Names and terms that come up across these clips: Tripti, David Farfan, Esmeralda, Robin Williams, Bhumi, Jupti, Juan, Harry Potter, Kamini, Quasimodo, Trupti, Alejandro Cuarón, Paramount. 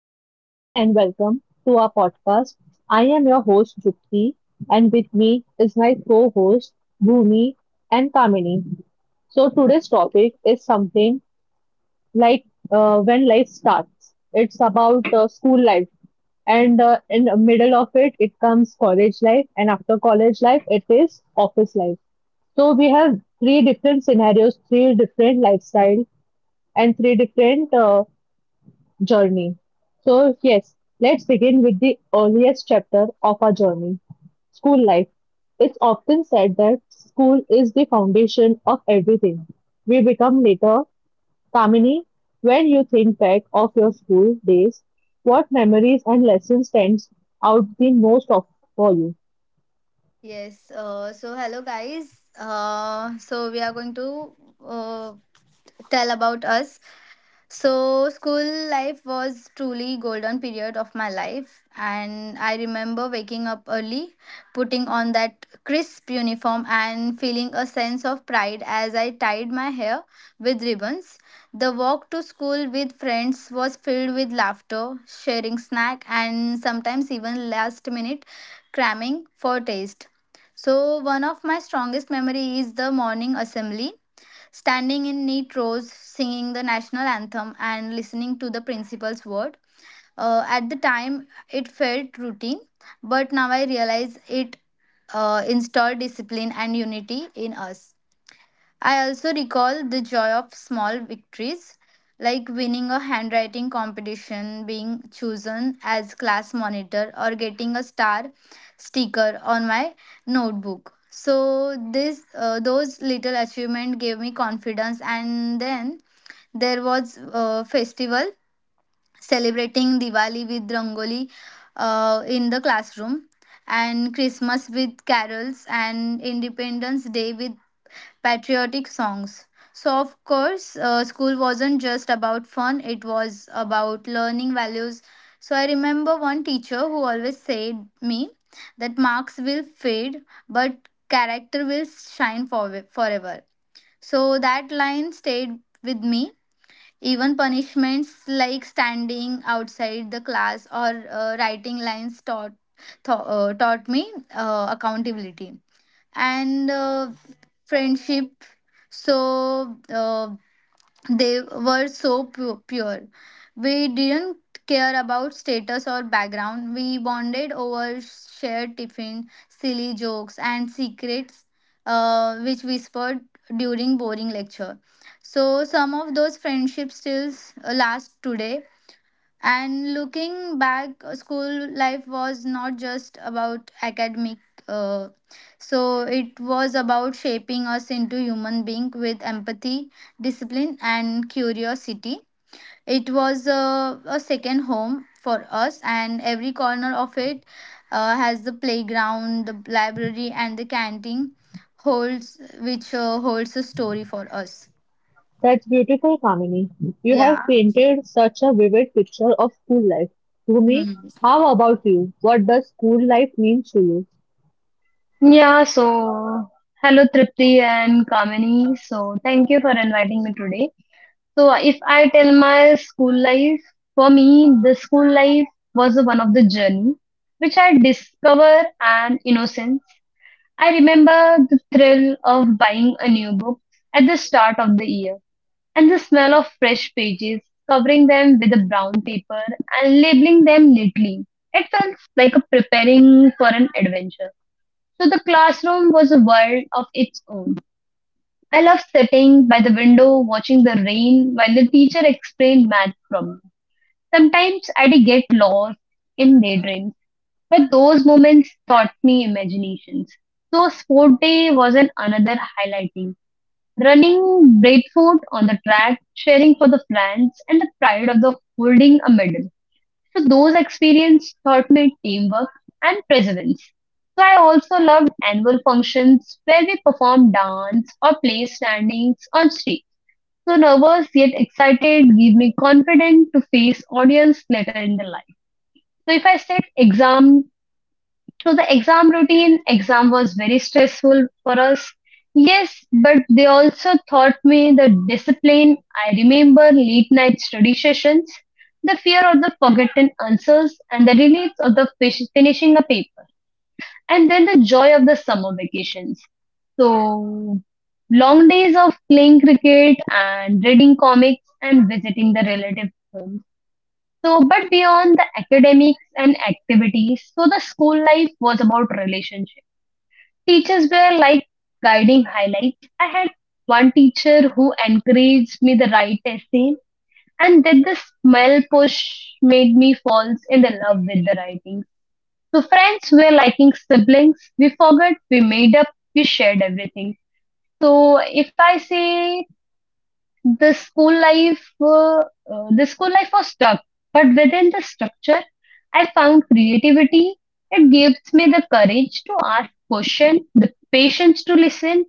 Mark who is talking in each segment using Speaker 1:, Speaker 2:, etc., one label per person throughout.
Speaker 1: So, hello and welcome to our podcast. I am your host, Jupti, and with me is my co host, Bhumi and Kamini. So, today's topic is something like when life starts. It's about school life, and in the middle of it, it comes college life, and after college life, it is office life. So we have three different scenarios, three different lifestyle, and three different journey. So, yes, let's begin with the earliest chapter of our journey school life. It's often said that school is the foundation of everything. We become later. Kamini, when you think back of your school days, what memories and lessons stands out the most of for you?
Speaker 2: Yes. So hello guys. So we are going to uh, tell about us. So school life was truly golden period of my life, and I remember waking up early, putting on that crisp uniform and feeling a sense of pride as I tied my hair with ribbons. The walk to school with friends was filled with laughter, sharing snack and sometimes even last minute cramming for taste. So one of my strongest memory is the morning assembly, standing in neat rows, singing the national anthem, and listening to the principal's word. At the time, it felt routine, but now I realize it installed discipline and unity in us. I also recall the joy of small victories, like winning a handwriting competition, being chosen as class monitor, or getting a star sticker on my notebook. So those little achievements gave me confidence. And then there was a festival, celebrating Diwali with Rangoli in the classroom, and Christmas with carols, and Independence Day with patriotic songs. So, of course, school wasn't just about fun, it was about learning values. So, I remember one teacher who always said me that marks will fade, but character will shine forever. So, that line stayed with me. Even punishments like standing outside the class or writing lines taught me accountability and friendship. So they were so pure. We didn't care about status or background. We bonded over shared tiffin, silly jokes and secrets which whispered during boring lecture. So some of those friendships still last today. And looking back, school life was not just about academic, uh, so it was about shaping us into human being with empathy, discipline, and curiosity. It was a second home for us, and every corner of it has the playground, the library, and the canteen holds, which holds a story for us.
Speaker 1: That's beautiful, Kamini. You
Speaker 2: Yeah.
Speaker 1: have painted such a vivid picture of school life. Bhumi,
Speaker 2: Hmm.
Speaker 1: how about you? What does school life mean to you?
Speaker 3: Yeah, so hello Tripti and Kamini. So thank you for inviting me today. So if I tell my school life, for me, the school life was one of the journey which I discover and innocence. I remember the thrill of buying a new book at the start of the year and the smell of fresh pages, covering them with a brown paper and labeling them neatly. It felt like a preparing for an adventure. So the classroom was a world of its own. I loved sitting by the window watching the rain while the teacher explained math problems. Sometimes I'd get lost in daydreams, but those moments taught me imaginations. So sport day was an another highlighting. Running barefoot on the track, cheering for the France, and the pride of the holding a medal. So those experiences taught me teamwork and perseverance. So I also loved annual functions where we performed dance or play standings on stage. So nervous yet excited gave me confidence to face audience later in the life. So if I set exam so the exam routine, exam was very stressful for us. Yes, but they also taught me the discipline. I remember late night study sessions, the fear of the forgotten answers, and the relief of the fish finishing a paper, and then the joy of the summer vacations. So long days of playing cricket and reading comics and visiting the relative homes. So, but beyond the academics and activities, so the school life was about relationships. Teachers were like guiding highlights. I had one teacher who encouraged me the right essay, and then the smell push made me fall in the love with the writing. So friends were liking siblings. We forgot, we made up, we shared everything. So if I say the school life was tough but within the structure I found creativity. It gives me the courage to ask questions, the patience to listen,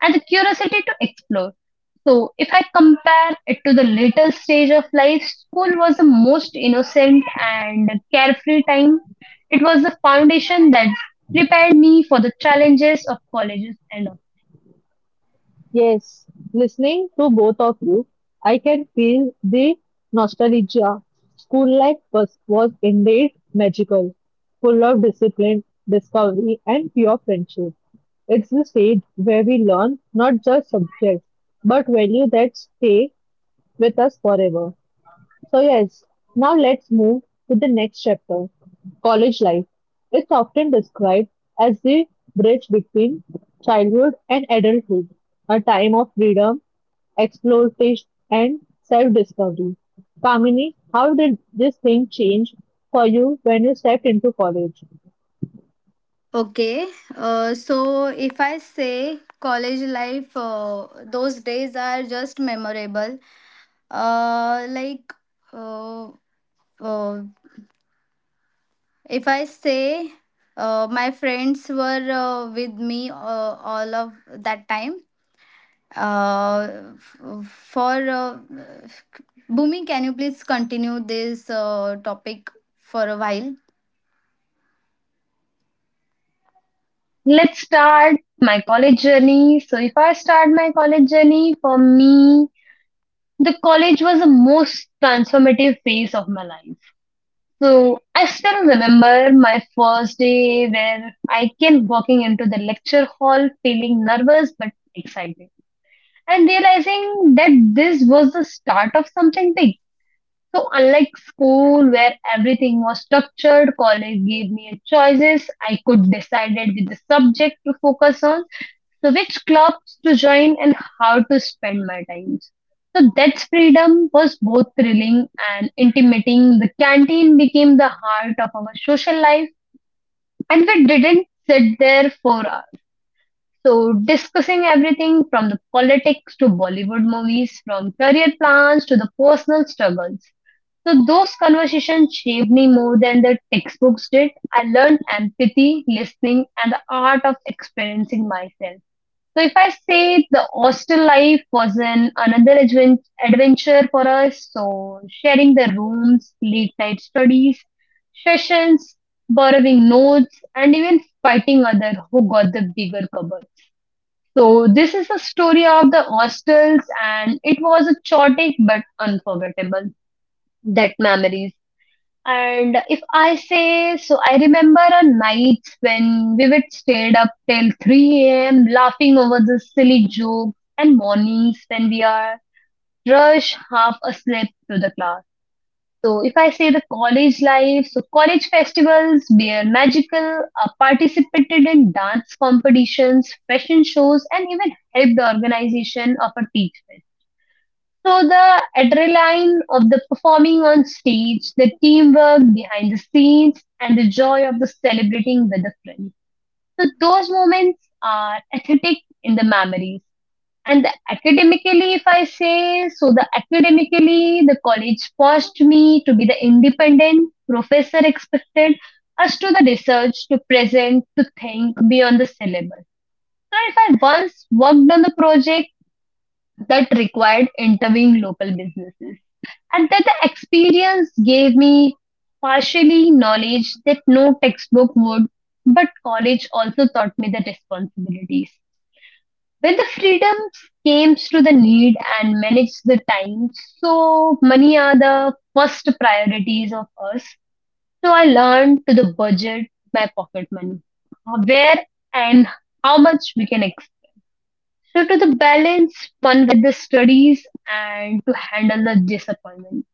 Speaker 3: and the curiosity to explore. So if I compare it to the later stage of life, school was the most innocent and carefree time. It was the foundation that prepared me for the challenges of colleges and all.
Speaker 1: Yes, listening to both of you, I can feel the nostalgia. School life was indeed magical, full of discipline, discovery, and pure friendship. It's the stage where we learn not just subjects, but values that stay with us forever. So, yes, now let's move to the next chapter college life. It's often described as the bridge between childhood and adulthood, a time of freedom, exploration, and self discovery. Kamini, how did this thing change for you when you stepped into college?
Speaker 2: Okay, so if I say college life, those days are just memorable. Uh, like, uh, uh, if I say my friends were with me all of that time. Uh, f- for Bhumi, can you please continue this topic for a while?
Speaker 3: Let's start my college journey. So, if I start my college journey, for me, the college was the most transformative phase of my life. So, I still remember my first day where I came walking into the lecture hall feeling nervous but excited and realizing that this was the start of something big. So, unlike school where everything was structured, college gave me choices. I could decide with the subject to focus on. So which clubs to join and how to spend my time. So that's freedom was both thrilling and intimidating. The canteen became the heart of our social life and we didn't sit there for hours. So discussing everything from the politics to Bollywood movies, from career plans to the personal struggles. So those conversations shaped me more than the textbooks did. I learned empathy, listening, and the art of experiencing myself. So if I say the hostel life was an another adventure for us, so sharing the rooms, late night studies, sessions, borrowing notes, and even fighting other who got the bigger cupboard. So this is the story of the hostels, and it was a chaotic but unforgettable that memories. And if I say, so I remember a night when we would stayed up till 3 a.m. laughing over the silly jokes and mornings when we are rush half asleep to the class. So if I say the college life, so college festivals were magical, participated in dance competitions, fashion shows, and even helped the organization of a teacher. So the adrenaline of the performing on stage, the teamwork behind the scenes, and the joy of the celebrating with a friend. So those moments are aesthetic in the memories. And the academically, if I say, so the academically, the college forced me to be the independent. Professor expected us to the research, to present, to think beyond the syllabus. So if I once worked on the project that required interviewing local businesses. And that the experience gave me partially knowledge that no textbook would, but college also taught me the responsibilities. When the freedom came through the need and manage the time, so money are the first priorities of us. So I learned to the budget my pocket money, where and how much we can expend. So to the balance fun with the studies and to handle the disappointment.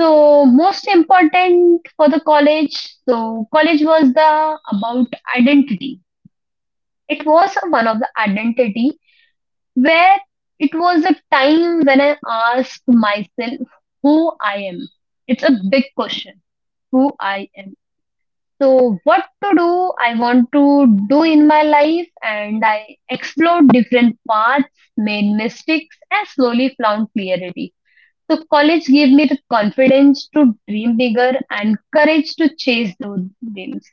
Speaker 3: So most important for the college, so college was the about identity. It was one of the identity where it was a time when I asked myself who I am. It's a big question, who I am. So what to do I want to do in my life and I explored different paths, made mistakes and slowly found clarity. So college gave me the confidence to dream bigger and courage to chase those dreams.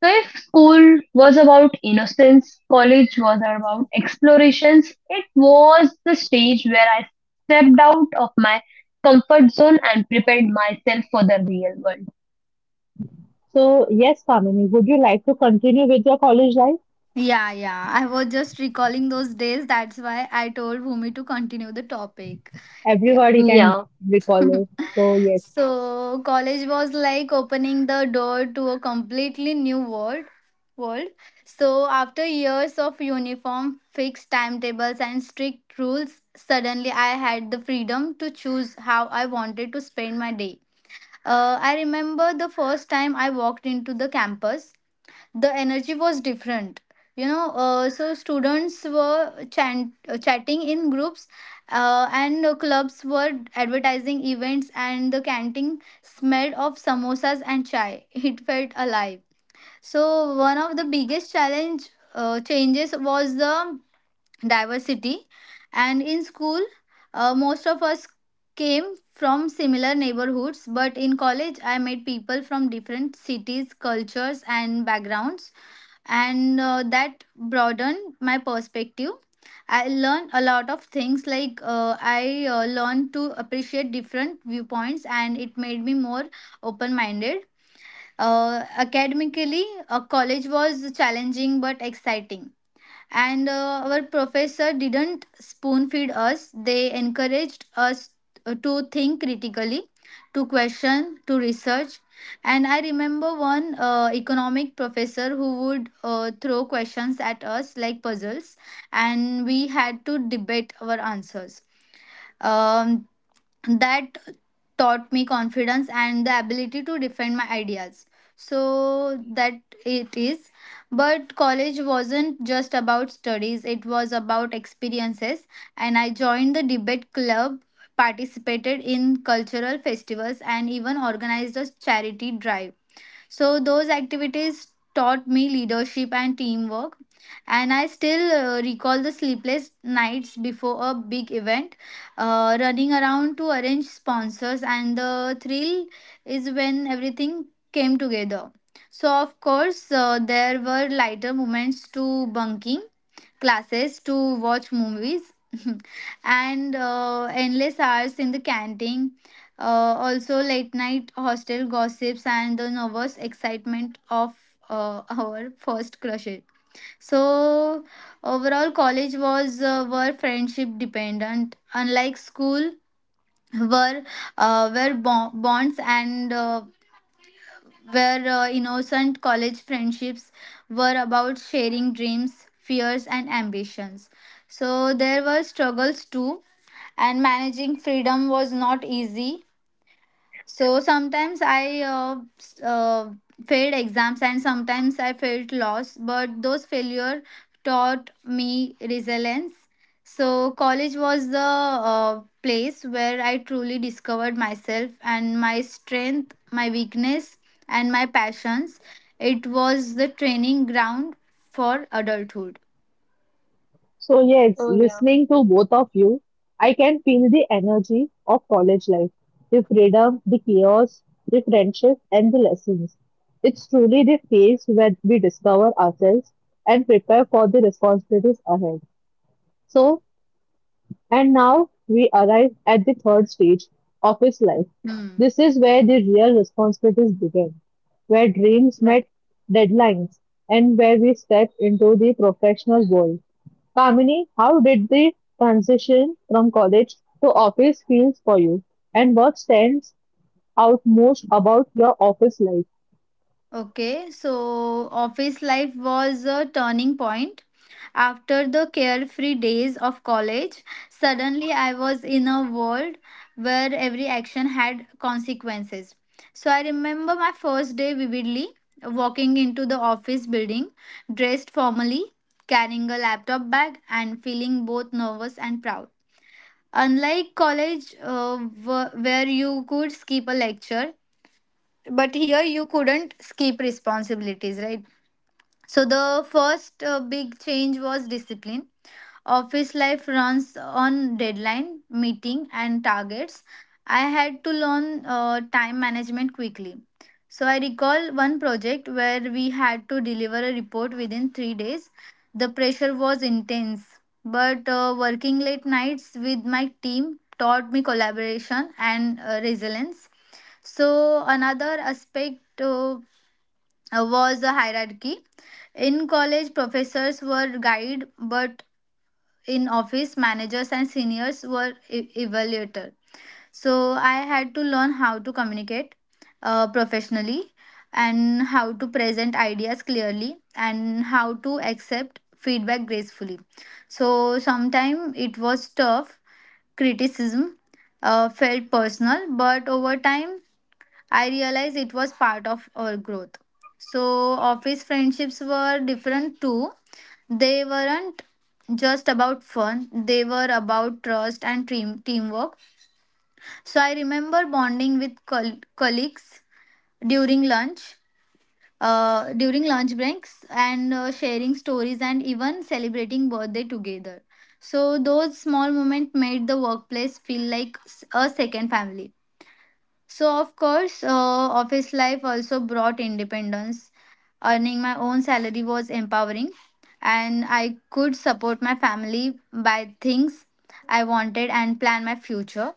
Speaker 3: So if school was about innocence, college was about explorations, it was the stage where I stepped out of my comfort zone and prepared myself for the real world.
Speaker 1: So, yes, Kamini, would you like to continue with your college life?
Speaker 2: Yeah, yeah. I was just recalling those days. That's why I told Bhumi to continue the topic.
Speaker 1: Everybody can
Speaker 3: Yeah.
Speaker 2: Yeah.
Speaker 1: recall it. So, yes.
Speaker 2: So college was like opening the door to a completely new world. So after years of uniform, fixed timetables, and strict rules, suddenly I had the freedom to choose how I wanted to spend my day. I remember the first time I walked into the campus, the energy was different, you know. So students were chatting in groups, and clubs were advertising events, and the canteen smelled of samosas and chai. It felt alive. So one of the biggest challenge changes was the diversity. And in school, most of us came from similar neighborhoods, but in college I met people from different cities, cultures and backgrounds, and that broadened my perspective. I learned a lot of things. I learned to appreciate different viewpoints, and it made me more open minded. Academically, college was challenging but exciting, and our professor didn't spoon feed us. They encouraged us to think critically, to question, to research. And I remember one economic professor who would throw questions at us like puzzles, and we had to debate our answers. Um, that taught me confidence and the ability to defend my ideas. So that it is But college wasn't just about studies, it was about experiences. And I joined the debate club, participated in cultural festivals, and even organized a charity drive. So those activities taught me leadership and teamwork. And I still recall the sleepless nights before a big event, running around to arrange sponsors, and the thrill is when everything came together. So, of course, there were lighter moments to bunking classes to watch movies and endless hours in the canteen. Also, late night hostel gossips and the nervous excitement of our first crushes. So, overall, college was were friendship dependent, unlike school, were where bo- bonds and where innocent college friendships were about sharing dreams, fears, and ambitions. So there were struggles too, and managing freedom was not easy. So sometimes I failed exams, and sometimes I felt lost, but those failure taught me resilience. So college was the place where I truly discovered myself and my strength, my weakness, and my passions. It was the training ground for adulthood.
Speaker 1: So, yes,
Speaker 3: Oh yeah.
Speaker 1: listening to both of you, I can feel the energy of college life, the freedom, the chaos, the friendship, and the lessons. It's truly the phase where we discover ourselves and prepare for the responsibilities ahead. So, and now we arrive at the third stage of his life.
Speaker 2: Hmm.
Speaker 1: This is where the real responsibilities begin, where dreams met deadlines, and where we step into the professional world. Kamini, how did the transition from college to office feels for you? And what stands out most about your office life?
Speaker 2: Okay, so office life was a turning point. After the carefree days of college, suddenly I was in a world where every action had consequences. So I remember my first day vividly, walking into the office building, dressed formally, carrying a laptop bag, and feeling both nervous and proud. Unlike college, where you could skip a lecture, but here you couldn't skip responsibilities, right? So the first big change was discipline. Office life runs on deadline, meeting, and targets. I had to learn time management quickly. So I recall one project where we had to deliver a report within 3 days. The pressure was intense, but working late nights with my team taught me collaboration and resilience. So another aspect was the hierarchy. In college, professors were guide, but in office, managers and seniors were evaluator. So I had to learn how to communicate professionally, and how to present ideas clearly, and how to accept feedback gracefully. So sometimes it was tough. Criticism felt personal, but over time I realized it was part of our growth. So, office friendships were different too. They weren't just about fun, they were about trust and teamwork. So, I remember bonding with colleagues during lunch. During lunch breaks and sharing stories and even celebrating birthday together. So those small moments made the workplace feel like a second family. So, of course, office life also brought independence. Earning my own salary was empowering, and I could support my family by things I wanted and plan my future.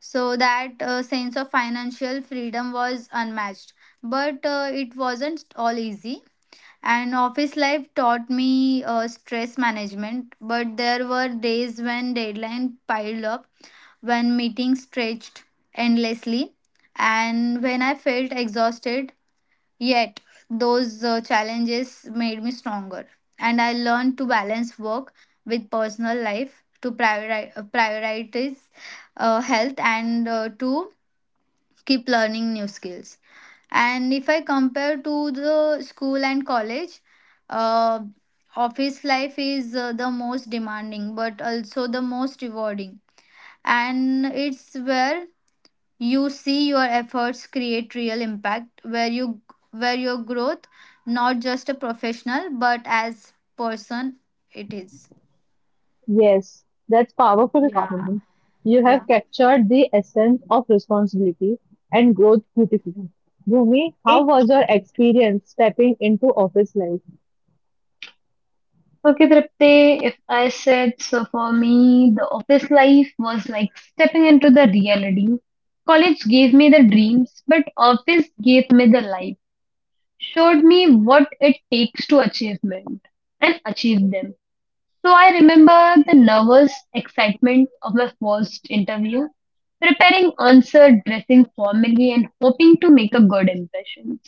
Speaker 2: So, that sense of financial freedom was unmatched. But it wasn't all easy. And office life taught me stress management, but there were days when deadline piled up, when meetings stretched endlessly, and when I felt exhausted. Yet, those challenges made me stronger, and I learned to balance work with personal life, to prioritize health, and to keep learning new skills. And if I compare to the school and college, uh, office life is the most demanding but also the most rewarding. And it's where you see your efforts create real impact, where your growth not just a professional but as person it is.
Speaker 1: Yes, that's powerful,
Speaker 2: Yeah,
Speaker 1: Kamini. You
Speaker 2: yeah.
Speaker 1: have captured the essence of responsibility and growth beautifully. Bhumi, how
Speaker 2: Okay.
Speaker 1: was your experience stepping into office life?
Speaker 3: Okay, Tripte, if I said so for me, the office life was like stepping into the reality. College gave me the dreams, but office gave me the life, showed me what it takes to achievement and achieve them. So I remember the nervous excitement of my first interview, preparing answer, dressing formally, and hoping to make a good impression.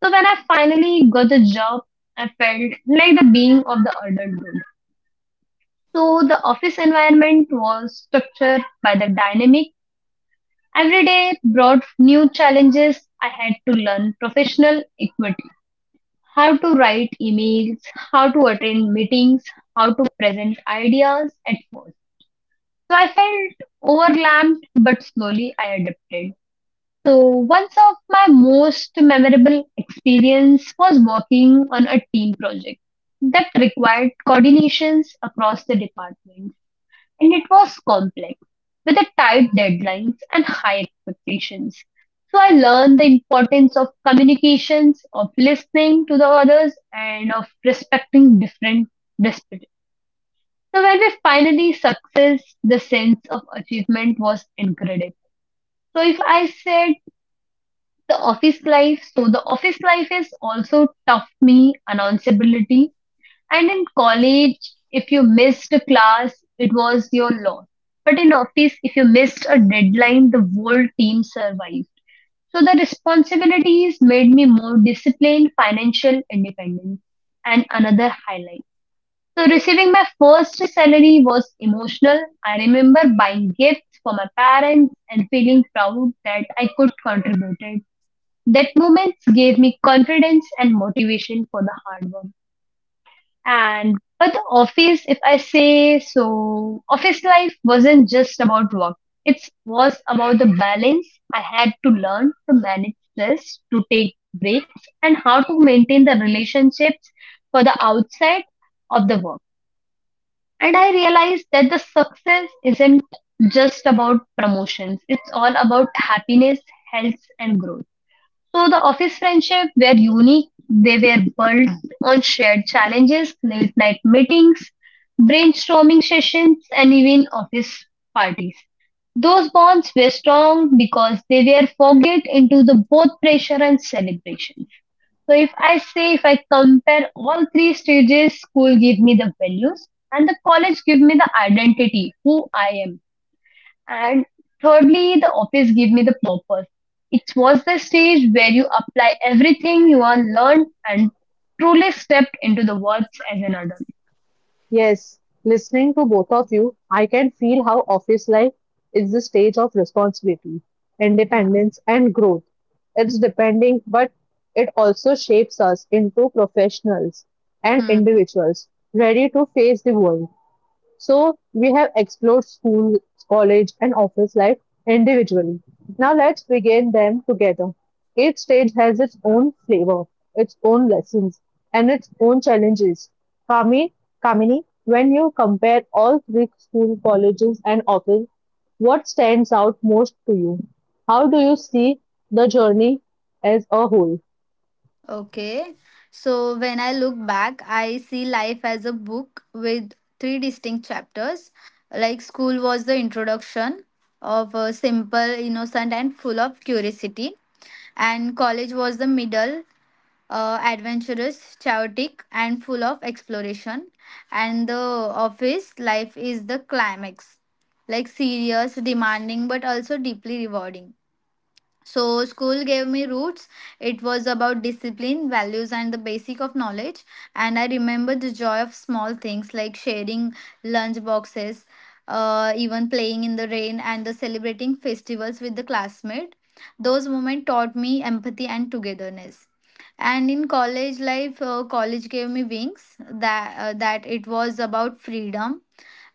Speaker 3: So when I finally got the job, I felt like the being of the adult. So the office environment was structured by the dynamic. Every day brought new challenges. I had to learn professional equity, how to write emails, how to attend meetings, how to present ideas at first. So I felt overwhelmed, but slowly I adapted. So once of my most memorable experience was working on a team project that required coordinations across the department. And it was complex with a tight deadlines and high expectations. So I learned the importance of communications, of listening to the others, and of respecting different perspectives. So when we finally success, the sense of achievement was incredible. So if I said the office life, so the office life is also tough me announceability and in college, if you missed a class, it was your loss. But in office, if you missed a deadline, the whole team survived. So the responsibilities made me more disciplined, financial independent, and another highlight. So receiving my first salary was emotional. I remember buying gifts for my parents and feeling proud that I could contribute. It. That moment gave me confidence and motivation for the hard work. And but the office, if I say so, office life wasn't just about work. It was about the balance. I had to learn to manage stress, to take breaks, and how to maintain the relationships for the outside of the work. And I realized that the success isn't just about promotions. It's all about happiness, health, and growth. So the office friendship were unique. They were built on shared challenges, late night meetings, brainstorming sessions, and even office parties. Those bonds were strong because they were forged into the both pressure and celebration. So if I say if I compare all three stages, school give me the values and the college give me the identity, who I am. And thirdly, the office gave me the purpose. It was the stage where you apply everything you have learned and truly stepped into the world as an adult.
Speaker 1: Yes, listening to both of you, I can feel how office life is the stage of responsibility,
Speaker 2: Yeah.
Speaker 1: independence, and growth. It's depending, but it also shapes us into professionals and
Speaker 2: Hmm.
Speaker 1: individuals ready to face the world. So we have explored school, college, and office life individually. Now let's begin them together. Each stage has its own flavor, its own lessons, and its own challenges. Kami, Kamini, when you compare all three school, colleges, and office, what stands out most to you? How do you see the journey as a whole?
Speaker 2: Okay. So when I look back, I see life as a book with three distinct chapters. Like school was the introduction, of a simple, innocent, and full of curiosity, and college was the middle. Adventurous, chaotic, and full of exploration, and the office life is the climax, like serious, demanding, but also deeply rewarding. So, school gave me roots. It was about discipline, values, and the basic of knowledge. And I remember the joy of small things like sharing lunch boxes, even playing in the rain, and the celebrating festivals with the classmate. Those moments taught me empathy and togetherness. And in college life, college gave me wings. That it was about freedom,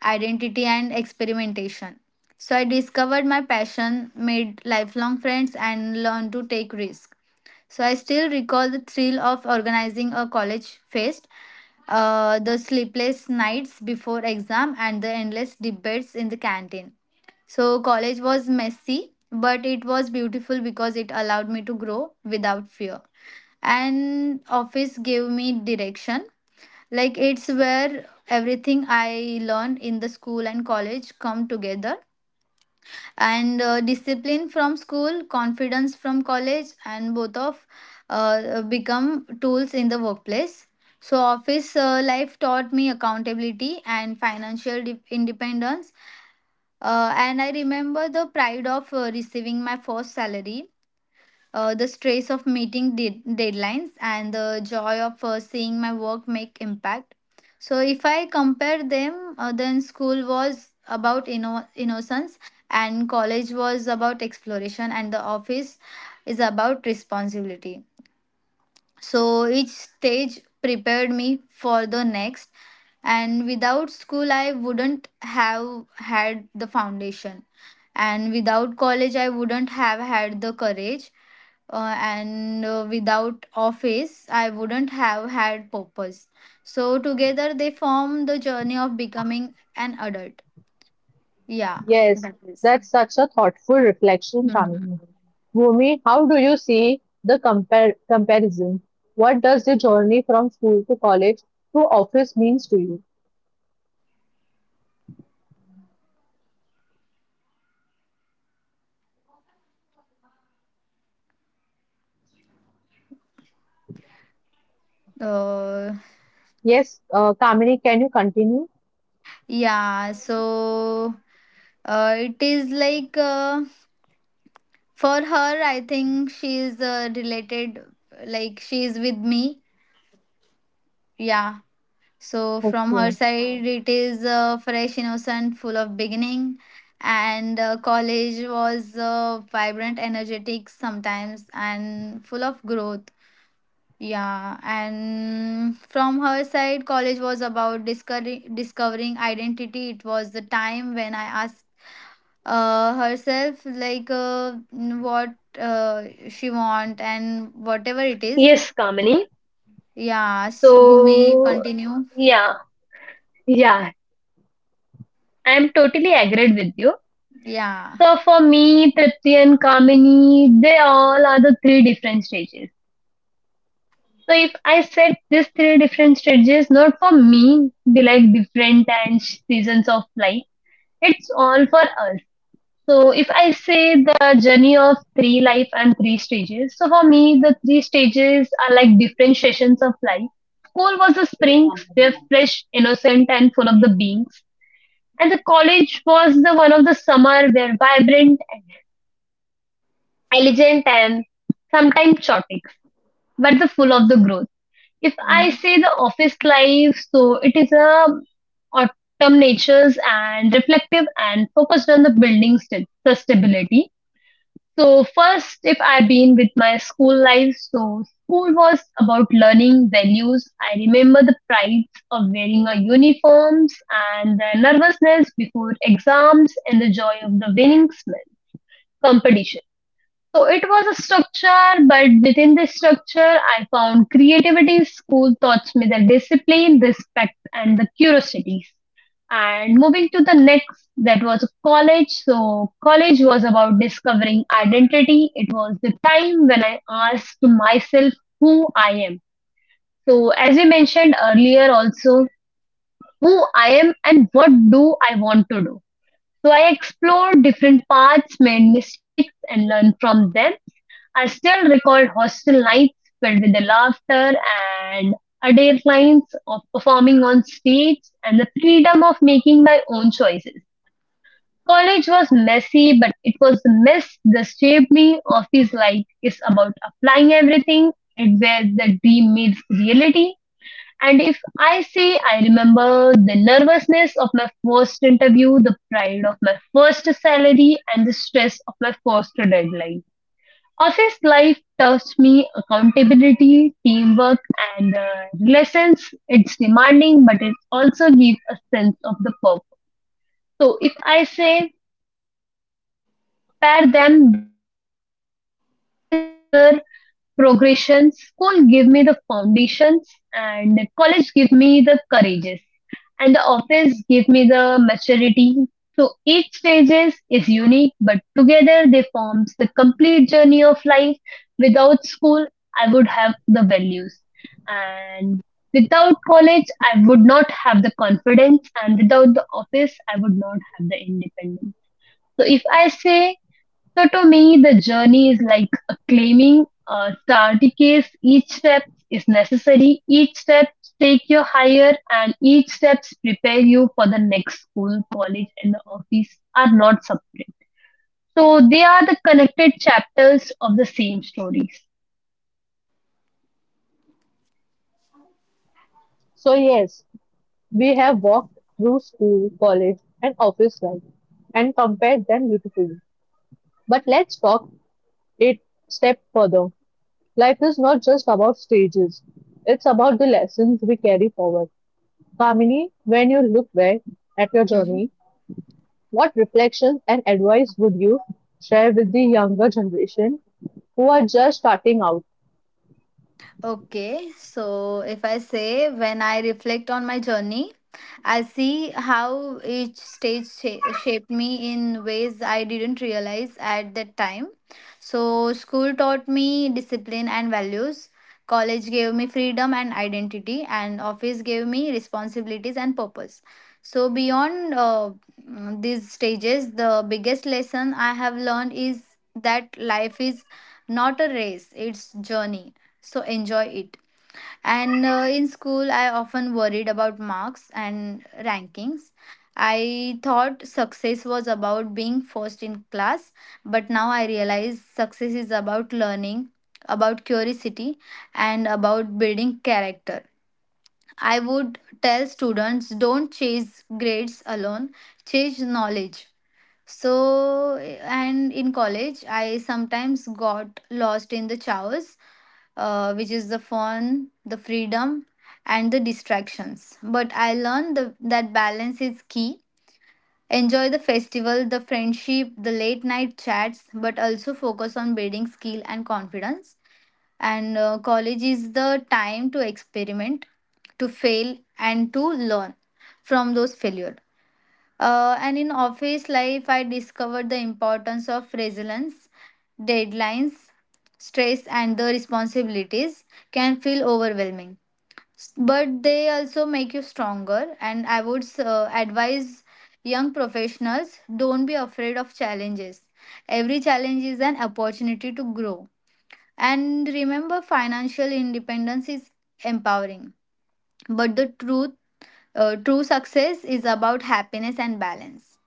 Speaker 2: identity, and experimentation. So I discovered my passion, made lifelong friends, and learned to take risks. So I still recall the thrill of organizing a college fest, the sleepless nights before exam, and the endless debates in the canteen. So college was messy, but it was beautiful because it allowed me to grow without fear. And office gave me direction. Like, it's where everything I learned in the school and college come together, and discipline from school, confidence from college, and both of become tools in the workplace. So office life taught me accountability and financial independence. And I remember the pride of receiving my first salary, the stress of meeting deadlines, and the joy of seeing my work make impact. So if I compare them, then school was about innocence, and college was about exploration, and the office is about responsibility. So each stage prepared me for the next, and without school, I wouldn't have had the foundation, and without college, I wouldn't have had the courage, and without office, I wouldn't have had purpose. So together, they form the journey of becoming an adult. Yeah,
Speaker 1: Yes,
Speaker 2: that is.
Speaker 1: that's such a thoughtful reflection,
Speaker 2: Hmm.
Speaker 1: Kamini. Bhumi, how do you see the comparison? What does the journey from school to college to office means to you?
Speaker 2: Uh,
Speaker 1: Yes, Kamini, can you continue?
Speaker 2: yeah, so it is like. For her, I think she's related, like she is with me. Yeah. So from her
Speaker 1: Okay.
Speaker 2: side, it is fresh, innocent, full of beginning. And college was vibrant, energetic sometimes, and full of growth. Yeah. And from her side, college was about discovering identity. It was the time when I asked herself, like, what she want and whatever it is.
Speaker 3: Yes, Kamini.
Speaker 2: Yes, Bhumi,
Speaker 3: So,
Speaker 2: continue.
Speaker 3: yeah, yeah, I am totally agreed with you.
Speaker 2: Yeah.
Speaker 3: So, for me, Tripti and Kamini, they all are the three different stages. So, if I said these three different stages, not for me, be like different and seasons of life, it's all for us. So, if I say the journey of three life and three stages, so for me, the three stages are like different sessions of life. School was the spring, where fresh, innocent, and full of the beings. And the college was the one of the summer where vibrant, intelligent, and sometimes chaotic, but the full of the growth. If I say the office life, so it is a autumn natures and reflective and focused on the building sustainability. So, first, if I been with my school life, so school was about learning values. I remember the pride of wearing our uniforms and the nervousness before exams and the joy of the winning smell competition. So, it was a structure, but within this structure, I found creativity. School taught me the discipline, respect, and the curiosity. And moving to the next, that was college. So, college was about discovering identity. It was the time when I asked myself who I am. So, as we mentioned earlier, also who I am and what do I want to do. So, I explored different paths, made mistakes, and learned from them. I still recall hostel nights filled with the laughter and adherence of performing on stage and the freedom of making my own choices. College was messy, but it was the mess that shaped me. Office life is about applying everything, it where the dream meets reality. And if I say I remember the nervousness of my first interview, the pride of my first salary, and the stress of my first deadline. Office life taught me accountability, teamwork, and lessons. It's demanding, but it also gives a sense of the purpose. So, if I say when I compare them, these three lives, so I see a clear progression. School give me the foundations, and college give me the courages, and the office give me the maturity. So each stages is unique, but together they forms the complete journey of life. Without school, I would have the values, and without college, I would not have the confidence, and without the office, I would not have the independence. So if I say so to me, the journey is like a claiming a starter case. Each step is necessary. Each step take you higher, and each steps prepare you for the next school, college, and the office are not separate. So they are the connected chapters of the same stories.
Speaker 1: So yes, we have walked through school, college, and office life and compared them beautifully. But let's talk it step further. Life is not just about stages; it's about the lessons we carry forward. Kamini, when you look back at your
Speaker 2: Mhm.
Speaker 1: journey, what reflections and advice would you share with the younger generation who are just starting out?
Speaker 2: Okay, so if I say, when I reflect on my journey, I see how each stage shaped me in ways I didn't realize at that time. So, school taught me discipline and values, college gave me freedom and identity, and office gave me responsibilities and purpose. So, beyond these stages, the biggest lesson I have learned is that life is not a race, it's journey, so enjoy it. And in school, I often worried about marks and rankings. I thought success was about being first in class, but now I realize success is about learning, about curiosity, and about building character. I would tell students, don't chase grades alone, chase knowledge. So, and in college I sometimes got lost in the chaos, which is the fun, the freedom, and the distractions. But I learned that balance is key. Enjoy the festival, the friendship, the late night chats, but also focus on building skill and confidence. And college is the time to experiment, to fail, and to learn from those failures. And in office life, I discovered the importance of resilience. Deadlines, stress, and the responsibilities can feel overwhelming. But they also make you stronger. And I would advise young professionals, don't be afraid of challenges. Every challenge is an opportunity to grow. And remember, financial independence is empowering. But true success is about happiness and balance.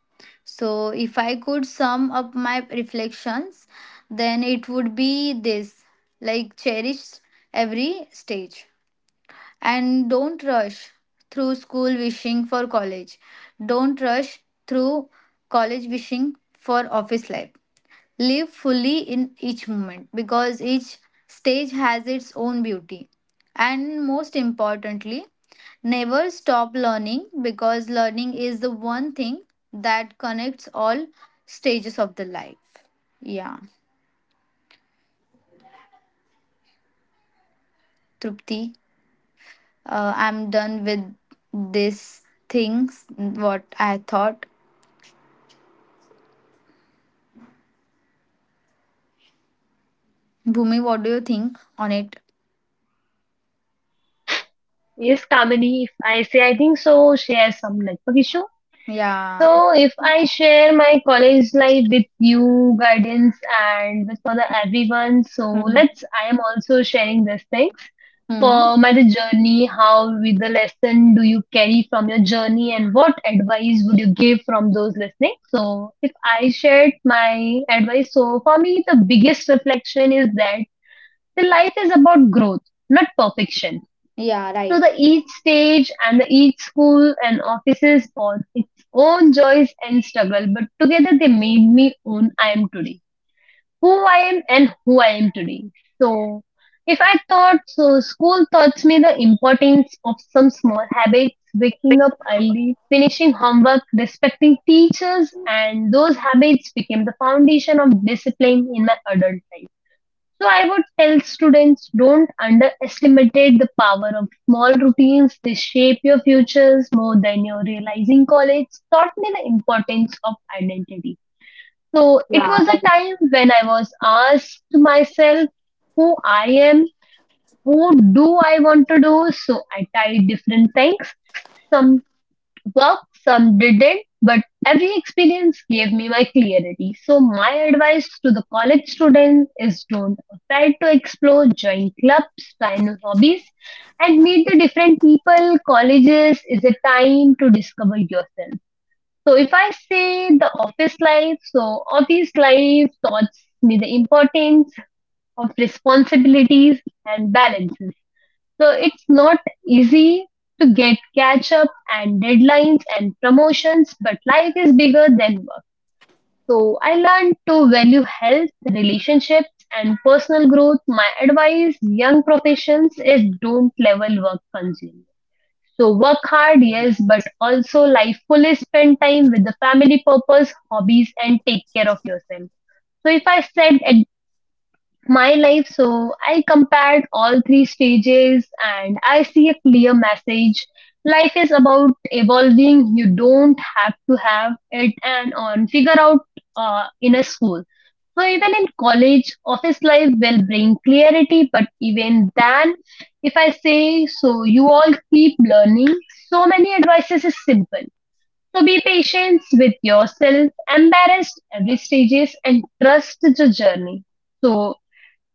Speaker 2: So, if I could sum up my reflections, then it would be this, like, cherish every stage, and don't rush through school wishing for college, don't rush through college wishing for office life. Live fully in each moment, because each stage has its own beauty. And most importantly, never stop learning, because learning is the one thing that connects all stages of the life. Yeah, Trupti, I'm done with these things, what I thought. Bhumi, what do you think on it?
Speaker 3: Yes, Kamini, if I say I think so, share some network issue. So,
Speaker 2: Yeah.
Speaker 3: if I share my college life with you, guidance, and with for the everyone, so
Speaker 2: Hmm.
Speaker 3: let's. I am also sharing these things
Speaker 2: Hmm.
Speaker 3: for my the journey. How with the lesson do you carry from your journey, and what advice would you give from those listening? So, if I shared my advice, so for me the biggest reflection is that the life is about growth, not perfection
Speaker 2: Yeah,
Speaker 3: so
Speaker 2: right.
Speaker 3: the each stage and the each school and offices brought its own joys and struggle, but together they made me own I am today. Who I am and who I am today. So if I thought so school taught me the importance of some small habits, waking up early, finishing homework, respecting teachers, and those habits became the foundation of discipline in my adult life. So I would tell students don't underestimate the power of small routines. They shape your futures more than you're realizing. College taught me the importance of identity. So it
Speaker 2: Yeah,
Speaker 3: was a
Speaker 2: right.
Speaker 3: time when I was asked myself who I am, who do I want to do. So I tried different things. Some. Work, some didn't, but every experience gave me my clarity. So, my advice to the college students is don't afraid to explore, join clubs, try new hobbies, and meet the different people. Colleges is a time to discover yourself. So, if I say the office life, so office life taught me the importance of responsibilities and balance. So it's not easy to get catch up and deadlines and promotions, but life is bigger than work. So I learned to value health, relationships, and personal growth. My advice, young professions, is don't level work consumer. So work hard, yes, but also life fully spend time with the family purpose, hobbies, and take care of yourself. So if I said at my life. So I compared all three stages and I see a clear message. Life is about evolving. You don't have to have it and on figure out in a school. So even in college, office life will bring clarity, but even then, if I say so, you all keep learning. So many advices is simple. So be patient with yourself, embarrassed every stages, and trust the journey. So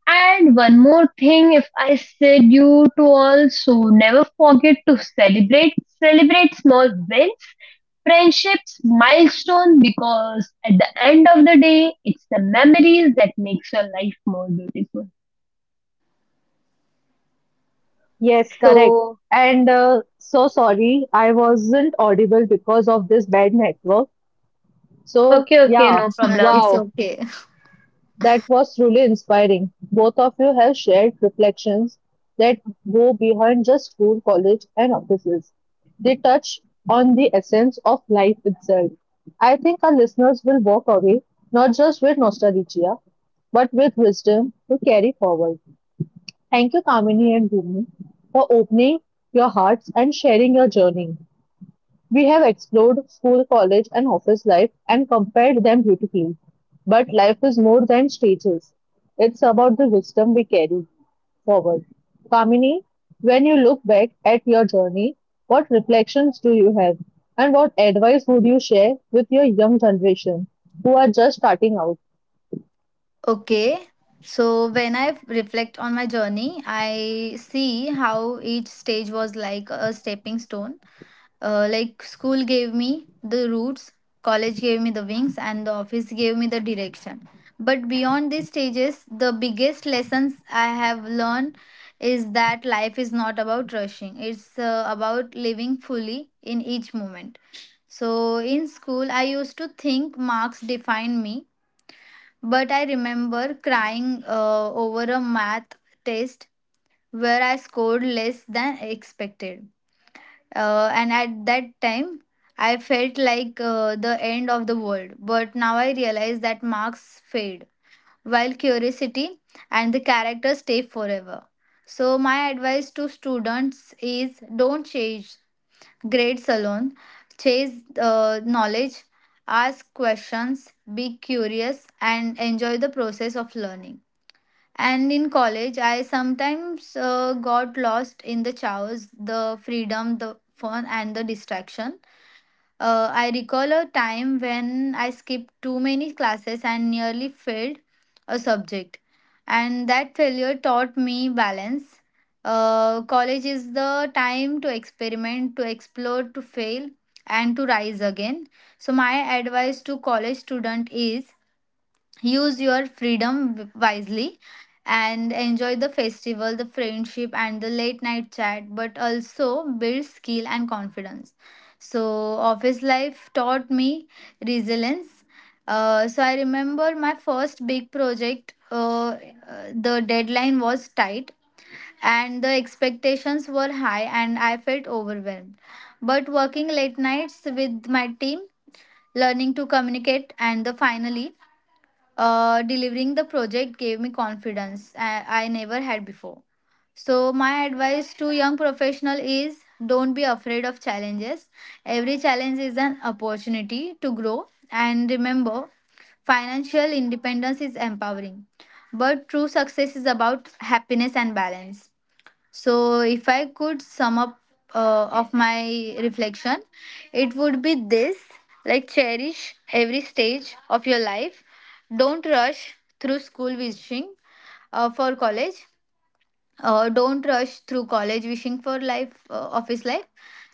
Speaker 3: and one more thing, if I said you to also never forget to celebrate, celebrate small wins, friendships, milestone, because at the end of the day, it's the memories that makes your life more beautiful.
Speaker 1: Yes, correct.
Speaker 3: So,
Speaker 1: And so sorry, I wasn't audible because of this bad network. So,
Speaker 3: okay, okay,
Speaker 1: yeah,
Speaker 3: no problem.
Speaker 2: It's
Speaker 1: wow.
Speaker 2: okay.
Speaker 1: That was truly inspiring. Both of you have shared reflections that go beyond just school, college, and offices. They touch on the essence of life itself. I think our listeners will walk away not just with nostalgia, but with wisdom to carry forward. Thank you, Kamini and Bhumi, for opening your hearts and sharing your journey. We have explored school, college, and office life and compared them beautifully. But life is more than stages. It's about the wisdom we carry forward. Kamini, when you look back at your journey, what reflections do you have? And what advice would you share with your young generation who are just starting out?
Speaker 2: Okay. So when I reflect on my journey, I see how each stage was like a stepping stone. Like school gave me the roots, college gave me the wings, and the office gave me the direction. But beyond these stages, the biggest lessons I have learned is that life is not about rushing. It's about living fully in each moment. So in school, I used to think marks defined me, but I remember crying over a math test where I scored less than expected. And at that time, I felt like the end of the world. But now I realize that marks fade, while curiosity and the character stay forever. So, my advice to students is, don't chase grades alone. Chase knowledge, ask questions, be curious, and enjoy the process of learning. And in college, I sometimes got lost in the chaos, the freedom, the fun, and the distraction. I recall a time when I skipped too many classes and nearly failed a subject. And that failure taught me balance. College is the time to experiment, to explore, to fail, and to rise again. So, my advice to college student is, use your freedom wisely and enjoy the festival, the friendship, and the late night chat, but also build skill and confidence. So, office life taught me resilience. So, I remember my first big project. The deadline was tight and the expectations were high, and I felt overwhelmed. But working late nights with my team, learning to communicate, and the finally delivering the project gave me confidence I never had before. So, my advice to young professional is, don't be afraid of challenges. Every challenge is an opportunity to grow. And remember, financial independence is empowering, but true success is about happiness and balance. So, if I could sum up of my reflection, it would be this, like, cherish every stage of your life. Don't rush through school wishing for college. Don't rush through college wishing for life office life,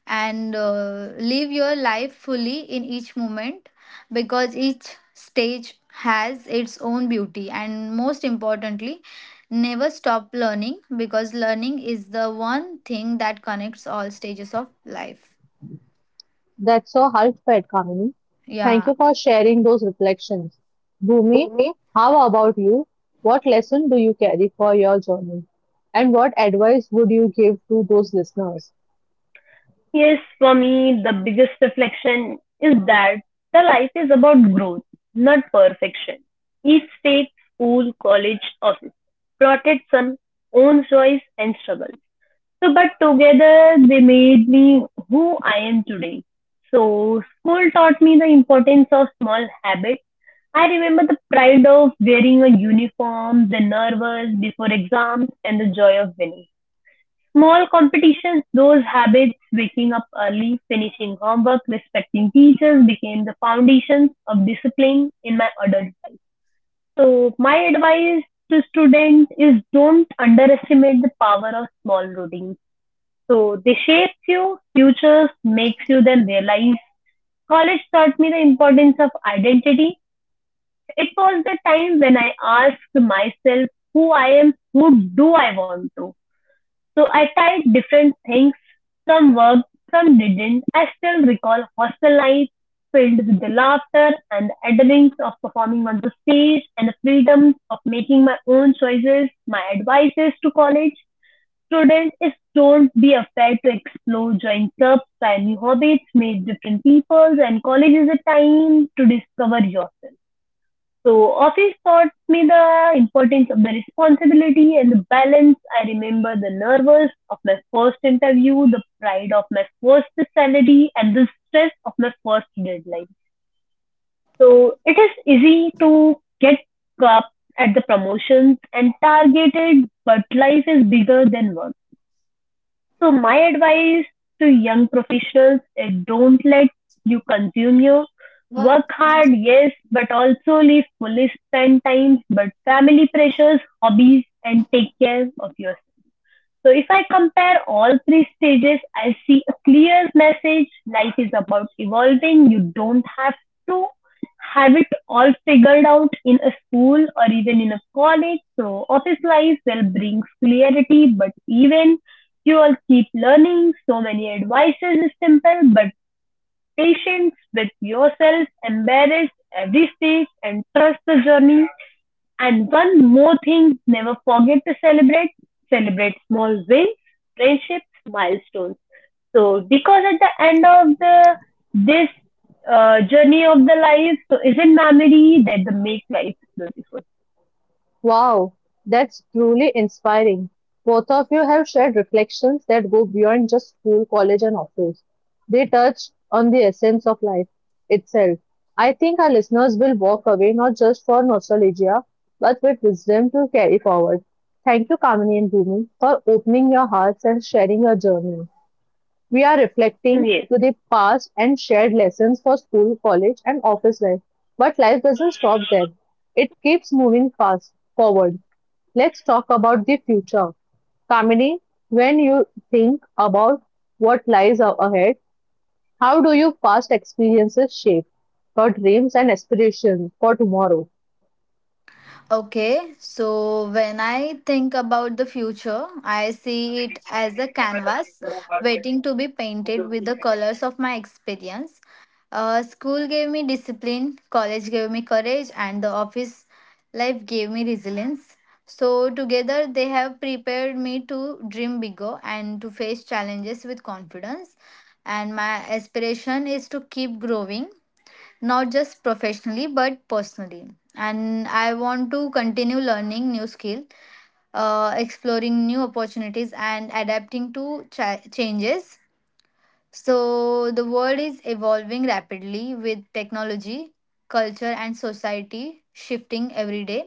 Speaker 2: and live your life fully in each moment, because each stage has its own beauty. And most importantly, never stop learning, because learning is the one thing that connects all stages of life.
Speaker 1: That's so heartfelt, Kamini. Thank
Speaker 2: Yeah.
Speaker 1: you for sharing those reflections. Bhumi, how about you? What lesson do you carry for your journey? And what advice would you give to those listeners?
Speaker 3: Yes, for me, the biggest reflection is that the life is about growth, not perfection. Each state, school, college, office brought its own joys and struggles. So, but together they made me who I am today. So, school taught me the importance of small habits. I remember the pride of wearing a uniform, the nervous before exams, and the joy of winning. Small competitions, those habits, waking up early, finishing homework, respecting teachers became the foundations of discipline in my adult life. So, my advice to students is don't underestimate the power of small routines so they shapes you, futures, makes you then realize. College taught me the importance of identity. It was the time when I asked myself who I am, who do I want to. So I tried different things. Some worked, some didn't. I still recall hostel life filled with the laughter and the adrenaline of performing on the stage and the freedom of making my own choices. My advice is to college students is told be afraid to explore, join clubs, try new hobbies, meet different people, and college is a time to discover yourself. So office taught me the importance of the responsibility and the balance. I remember the nervous of my first interview, the pride of my first salary, and the stress of my first deadline. So it is easy to get caught up at the promotions and targeted, but life is bigger than work. So my advice to young professionals is don't let you consume you. Work hard, yes, but also live fully spend time, but family pressures, hobbies, and take care of yourself. So if I compare all three stages, I see a clear message. Life is about evolving. You don't have to have it all figured out in a school or even in a college. So office life will bring clarity, but even you all keep learning. So many advices is simple, but patience with yourself, embrace every stage and trust the journey and one more thing never forget to celebrate. Celebrate small wins, friendships, milestones. So, because at the end of the this journey of the life, so is it memory that the make life beautiful?
Speaker 1: Wow, that's truly inspiring. Both of you have shared reflections that go beyond just school, college, and office. They touch on the essence of life itself. I think our listeners will walk away not just for nostalgia, but with wisdom to carry forward. Thank you, Kamini and Bhumi, for opening your hearts and sharing your journey. We are reflecting
Speaker 3: Yes.
Speaker 1: to the past and shared lessons for school, college, and office life. But life doesn't stop there. It keeps moving fast forward. Let's talk about the future. Kamini, when you think about what lies ahead, how do your past experiences shape your dreams and aspirations for tomorrow?
Speaker 2: Okay, so when I think about the future, I see it as a canvas waiting to be painted with the colors of my experience. School gave me discipline, college gave me courage, and the office life gave me resilience. So, together, they have prepared me to dream bigger and to face challenges with confidence. And my aspiration is to keep growing, not just professionally but personally. And I want to continue learning new skill, exploring new opportunities, and adapting to changes. So the world is evolving rapidly, with technology, culture, and society shifting every day.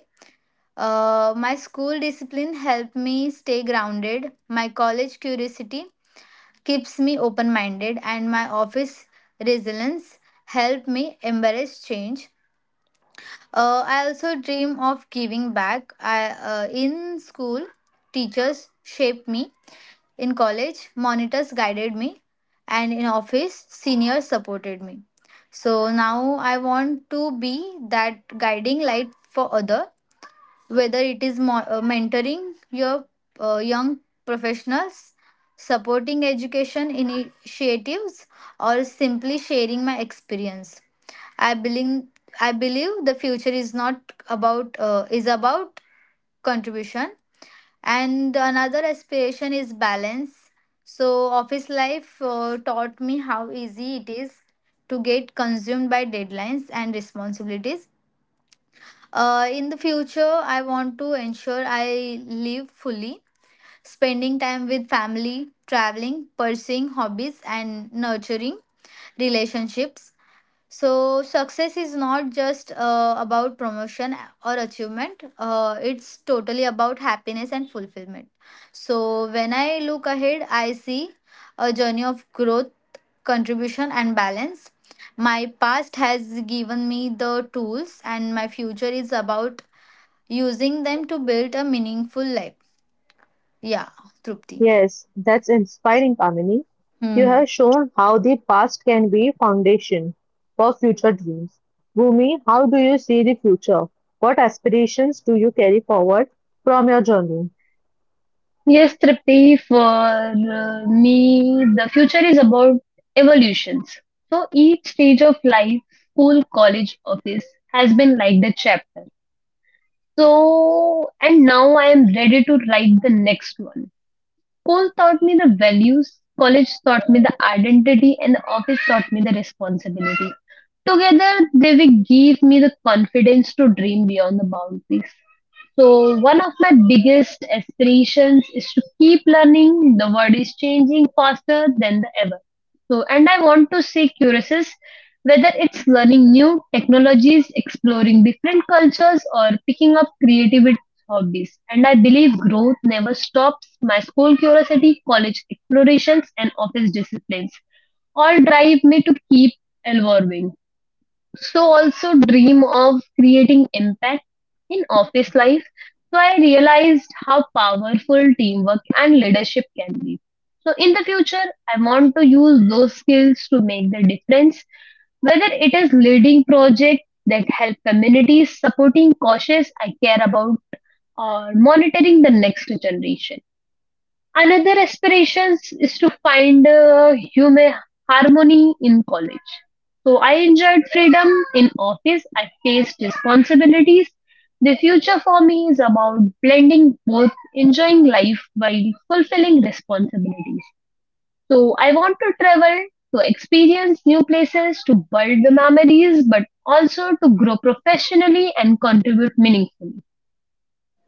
Speaker 2: My school discipline helped me stay grounded, my college curiosity keeps me open minded and my office resilience helped me embrace change. I also dream of giving back. I In school, teachers shaped me. In college, monitors guided me, and in office, seniors supported me. So now I want to be that guiding light for other, whether it is mentoring your young professionals, supporting education initiatives, or simply sharing my experience. I believe I believe the future is not about is about contribution. And another aspiration is balance. So office life taught me how easy it is to get consumed by deadlines and responsibilities. In the future, I want to ensure I live fully, spending time with family, traveling, pursuing hobbies, and nurturing relationships. So, success is not just about promotion or achievement. It's totally about happiness and fulfillment. So, when I look ahead, I see a journey of growth, contribution, and balance. My past has given me the tools, and my future is about using them to build a meaningful life. Yeah, Trupti.
Speaker 1: Yes, that's inspiring, Kamini. You
Speaker 2: Hmm.
Speaker 1: have shown how the past can be foundation for future dreams. Bhumi, how do you see the future? What aspirations do you carry forward from your journey?
Speaker 3: Yes, Tripti, for me, the future is about evolutions. So each stage of life, school, college, office has been like the chapter. So, and now I am ready to write the next one. School taught me the values, college taught me the identity, and the office taught me the responsibility. Together, they will give me the confidence to dream beyond the boundaries. So, one of my biggest aspirations is to keep learning. The world is changing faster than the ever. So, and I want to stay curious whether it's learning new technologies, exploring different cultures, or picking up creative hobbies. And I believe growth never stops. My school curiosity, college explorations, and office disciplines all drive me to keep evolving. So also dream of creating impact in office life. So I realized how powerful teamwork and leadership can be. So in the future, I want to use those skills to make the difference, whether it is leading projects that help communities, supporting causes I care about, or monitoring the next generation. Another aspiration is to find human harmony in college. So I enjoyed freedom in office. I faced responsibilities. The future for me is about blending both, enjoying life while fulfilling responsibilities. So I want to travel to experience new places, to build the memories, but also to grow professionally and contribute meaningfully.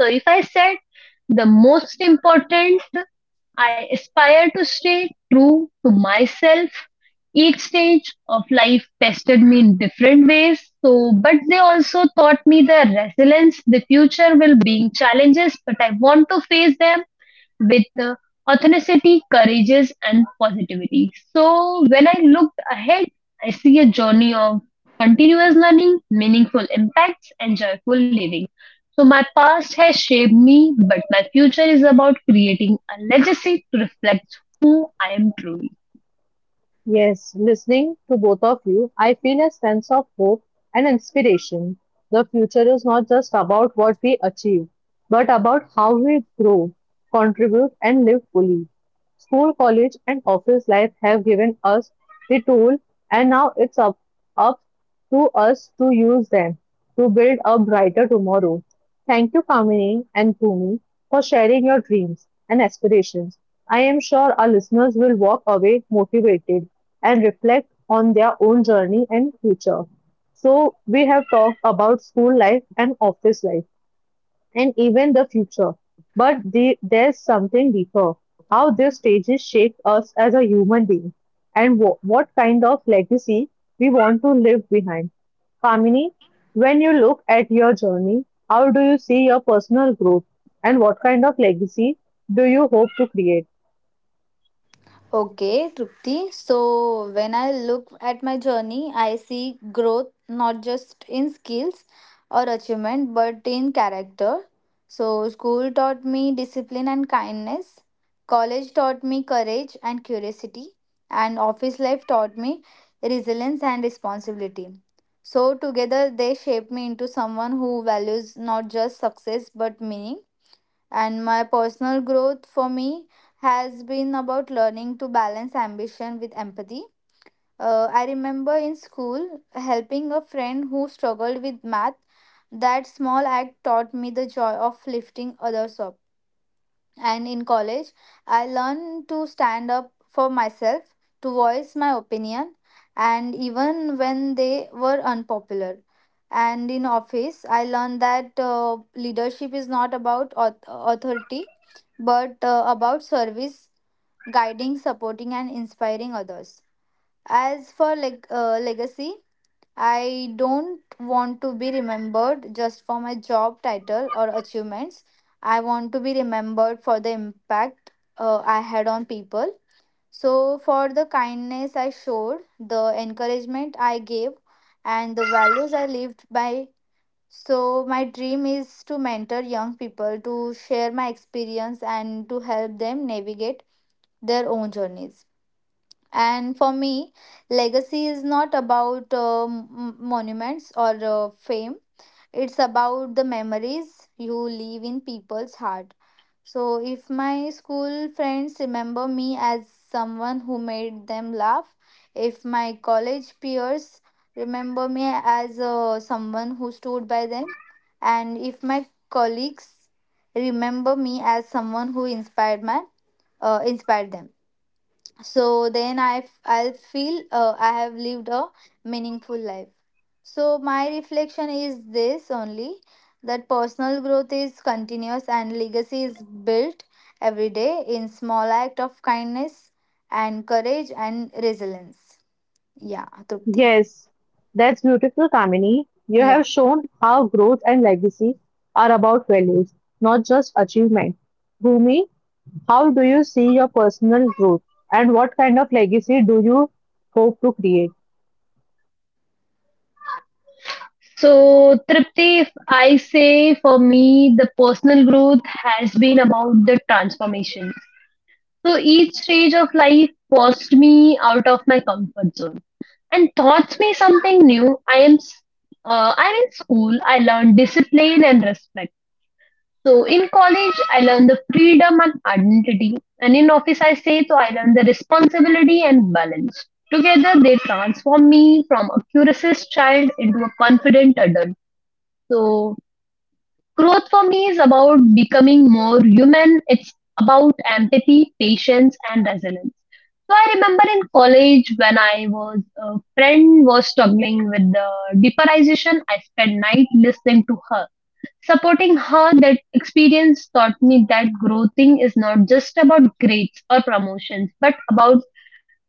Speaker 3: So, if I said the most important, I aspire to stay true to myself. Each stage of life tested me in different ways. So, but they also taught me the resilience. The future will bring challenges, but I want to face them with authenticity, courageous, and positivity. So when I looked ahead, I see a journey of continuous learning, meaningful impacts, and joyful living. So my past has shaped me, but my future is about creating a legacy to reflect who I am truly.
Speaker 1: Yes, listening to both of you, I feel a sense of hope and inspiration. The future is not just about what we achieve, but about how we grow, contribute, and live fully. School, college, and office life have given us the tool, and now it's up to us to use them to build a brighter tomorrow. Thank you, Kamini and Bhumi, for sharing your dreams and aspirations. I am sure our listeners will walk away motivated and reflect on their own journey and future. So, we have talked about school life and office life and even the future. But there's something deeper how these stages shape us as a human being and what kind of legacy we want to leave behind. Kamini, when you look at your journey, how do you see your personal growth and what kind of legacy do you hope to create?
Speaker 2: Okay, Trupti. So when I look at my journey, I see growth not just in skills or achievement but in character. So school taught me discipline and kindness, college taught me courage and curiosity, and office life taught me resilience and responsibility. So together they shaped me into someone who values not just success but meaning. And my personal growth for me has been about learning to balance ambition with empathy. I remember in school helping a friend who struggled with math. That small act taught me the joy of lifting others up. And in college, I learned to stand up for myself, to voice my opinion, and even when they were unpopular. And in office, I learned that leadership is not about authority, but about service, guiding, supporting, and inspiring others. As for legacy, I don't want to be remembered just for my job title or achievements. I want to be remembered for the impact I had on people. So, for the kindness I showed, the encouragement I gave, and the values I lived by. So, my dream is to mentor young people, to share my experience, and to help them navigate their own journeys. And for me, legacy is not about monuments or fame. It's about the memories you leave in people's heart. So if my school friends remember me as someone who made them laugh, if my college peers remember me as someone who stood by them, and if my colleagues remember me as someone who inspired them, so then I'll feel I have lived a meaningful life. So my reflection is this only, that personal growth is continuous and legacy is built every day in small act of kindness and courage and resilience. Yeah, Trupti.
Speaker 1: Yes, that's beautiful, Kamini. You
Speaker 2: Yeah.
Speaker 1: have shown how growth and legacy are about values, not just achievement. Bhumi, how do you see your personal growth and what kind of legacy do you hope to create?
Speaker 3: So, Tripti, if I say for me, the personal growth has been about the transformation. So each stage of life forced me out of my comfort zone and taught me something new. I'm in school. I learned discipline and respect. So in college, I learned the freedom and identity, and in office, I say so. I learned the responsibility and balance. Together, they transform me from a curious child into a confident adult. So growth for me is about becoming more human. It's about empathy, patience, and resilience. So I remember in college when I was a friend was struggling with the deperization, I spent night listening to her. Supporting her, that experience taught me that growing is not just about grades or promotions, but about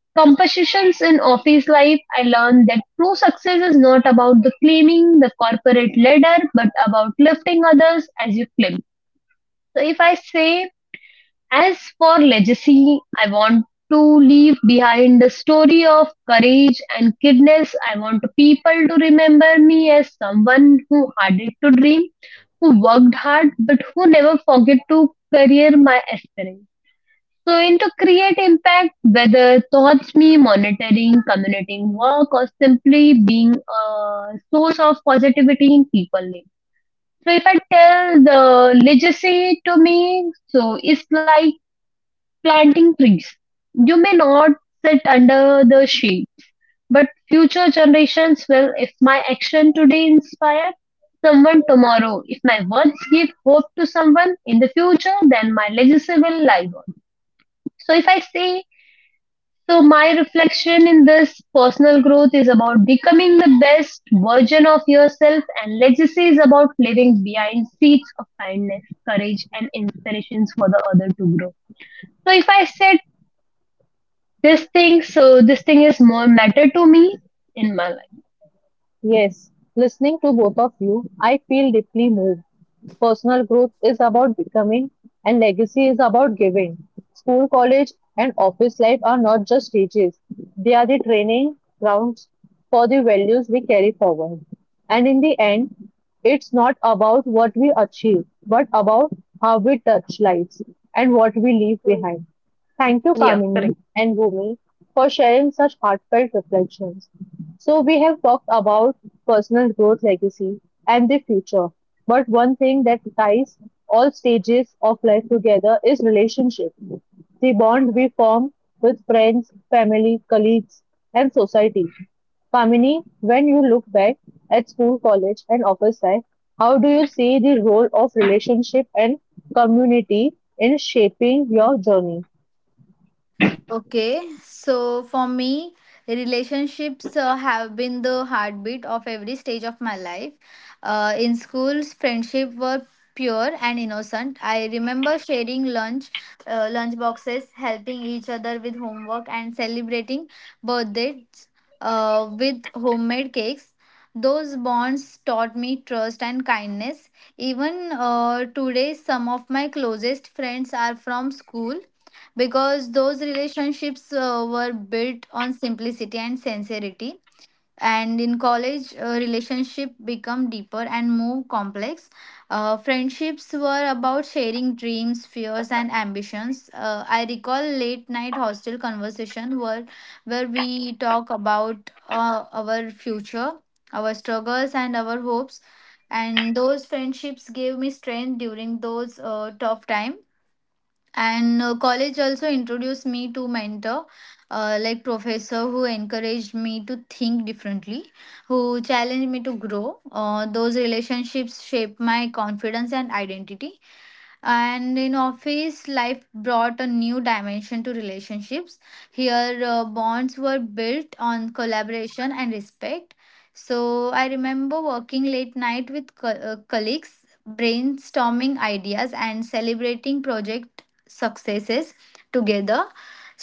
Speaker 3: compositions in office life, I learned that true success is not about the climbing the corporate ladder, but about lifting others as you climb. So if I say, as for legacy, I want to leave behind a story of courage and kindness. I want people to remember me as someone who had it to dream, who worked hard, but who never forget to career my aspirin. So, into create impact, whether thoughts me monitoring, communicating work, or simply being a source of positivity in people life. So, if I tell the legacy to me, so it's like planting trees. You may not sit under the shade, but future generations will. If my action today inspire someone tomorrow, if my words give hope to someone in the future, then my legacy will live on. So if I say so, my reflection in this personal growth is about becoming the best version of yourself, and legacy is about leaving behind seeds of kindness, courage, and inspirations for the other to grow. So, if I said this thing, so this thing is more matter to me in my life.
Speaker 1: Yes, listening to both of you, I feel deeply moved. Personal growth is about becoming, and legacy is about giving. School, college, and office life are not just stages, they are the training grounds for the values we carry forward. And in the end, it's not about what we achieve, but about how we touch lives and what we leave
Speaker 3: Hmm.
Speaker 1: behind. Thank you,
Speaker 3: Yeah, correct.
Speaker 1: Kamini and Bhumi, for sharing such heartfelt reflections. So we have talked about personal growth, legacy, and the future. But one thing that ties all stages of life together is relationship. The bond we form with friends, family, colleagues, and society. Kamini, when you look back at school, college, and office life, how do you see the role of relationship and community in shaping your journey?
Speaker 2: Okay, so for me, relationships have been the heartbeat of every stage of my life. In schools, friendship were pure and innocent. I remember sharing lunch boxes, helping each other with homework, and celebrating birthdays with homemade cakes. Those bonds taught me trust and kindness. Even today, some of my closest friends are from school because those relationships were built on simplicity and sincerity. And in college, relationship become deeper and more complex. Friendships were about sharing dreams, fears and ambitions. I recall late night hostel conversation where we talk about our future, our struggles and our hopes. And those friendships gave me strength during those tough times. And college also introduced me to mentor, like professor who encouraged me to think differently, who challenged me to grow. Those relationships shaped my confidence and identity. And in office, life brought a new dimension to relationships. Here bonds were built on collaboration and respect. So I remember working late night with colleagues, brainstorming ideas and celebrating project successes together.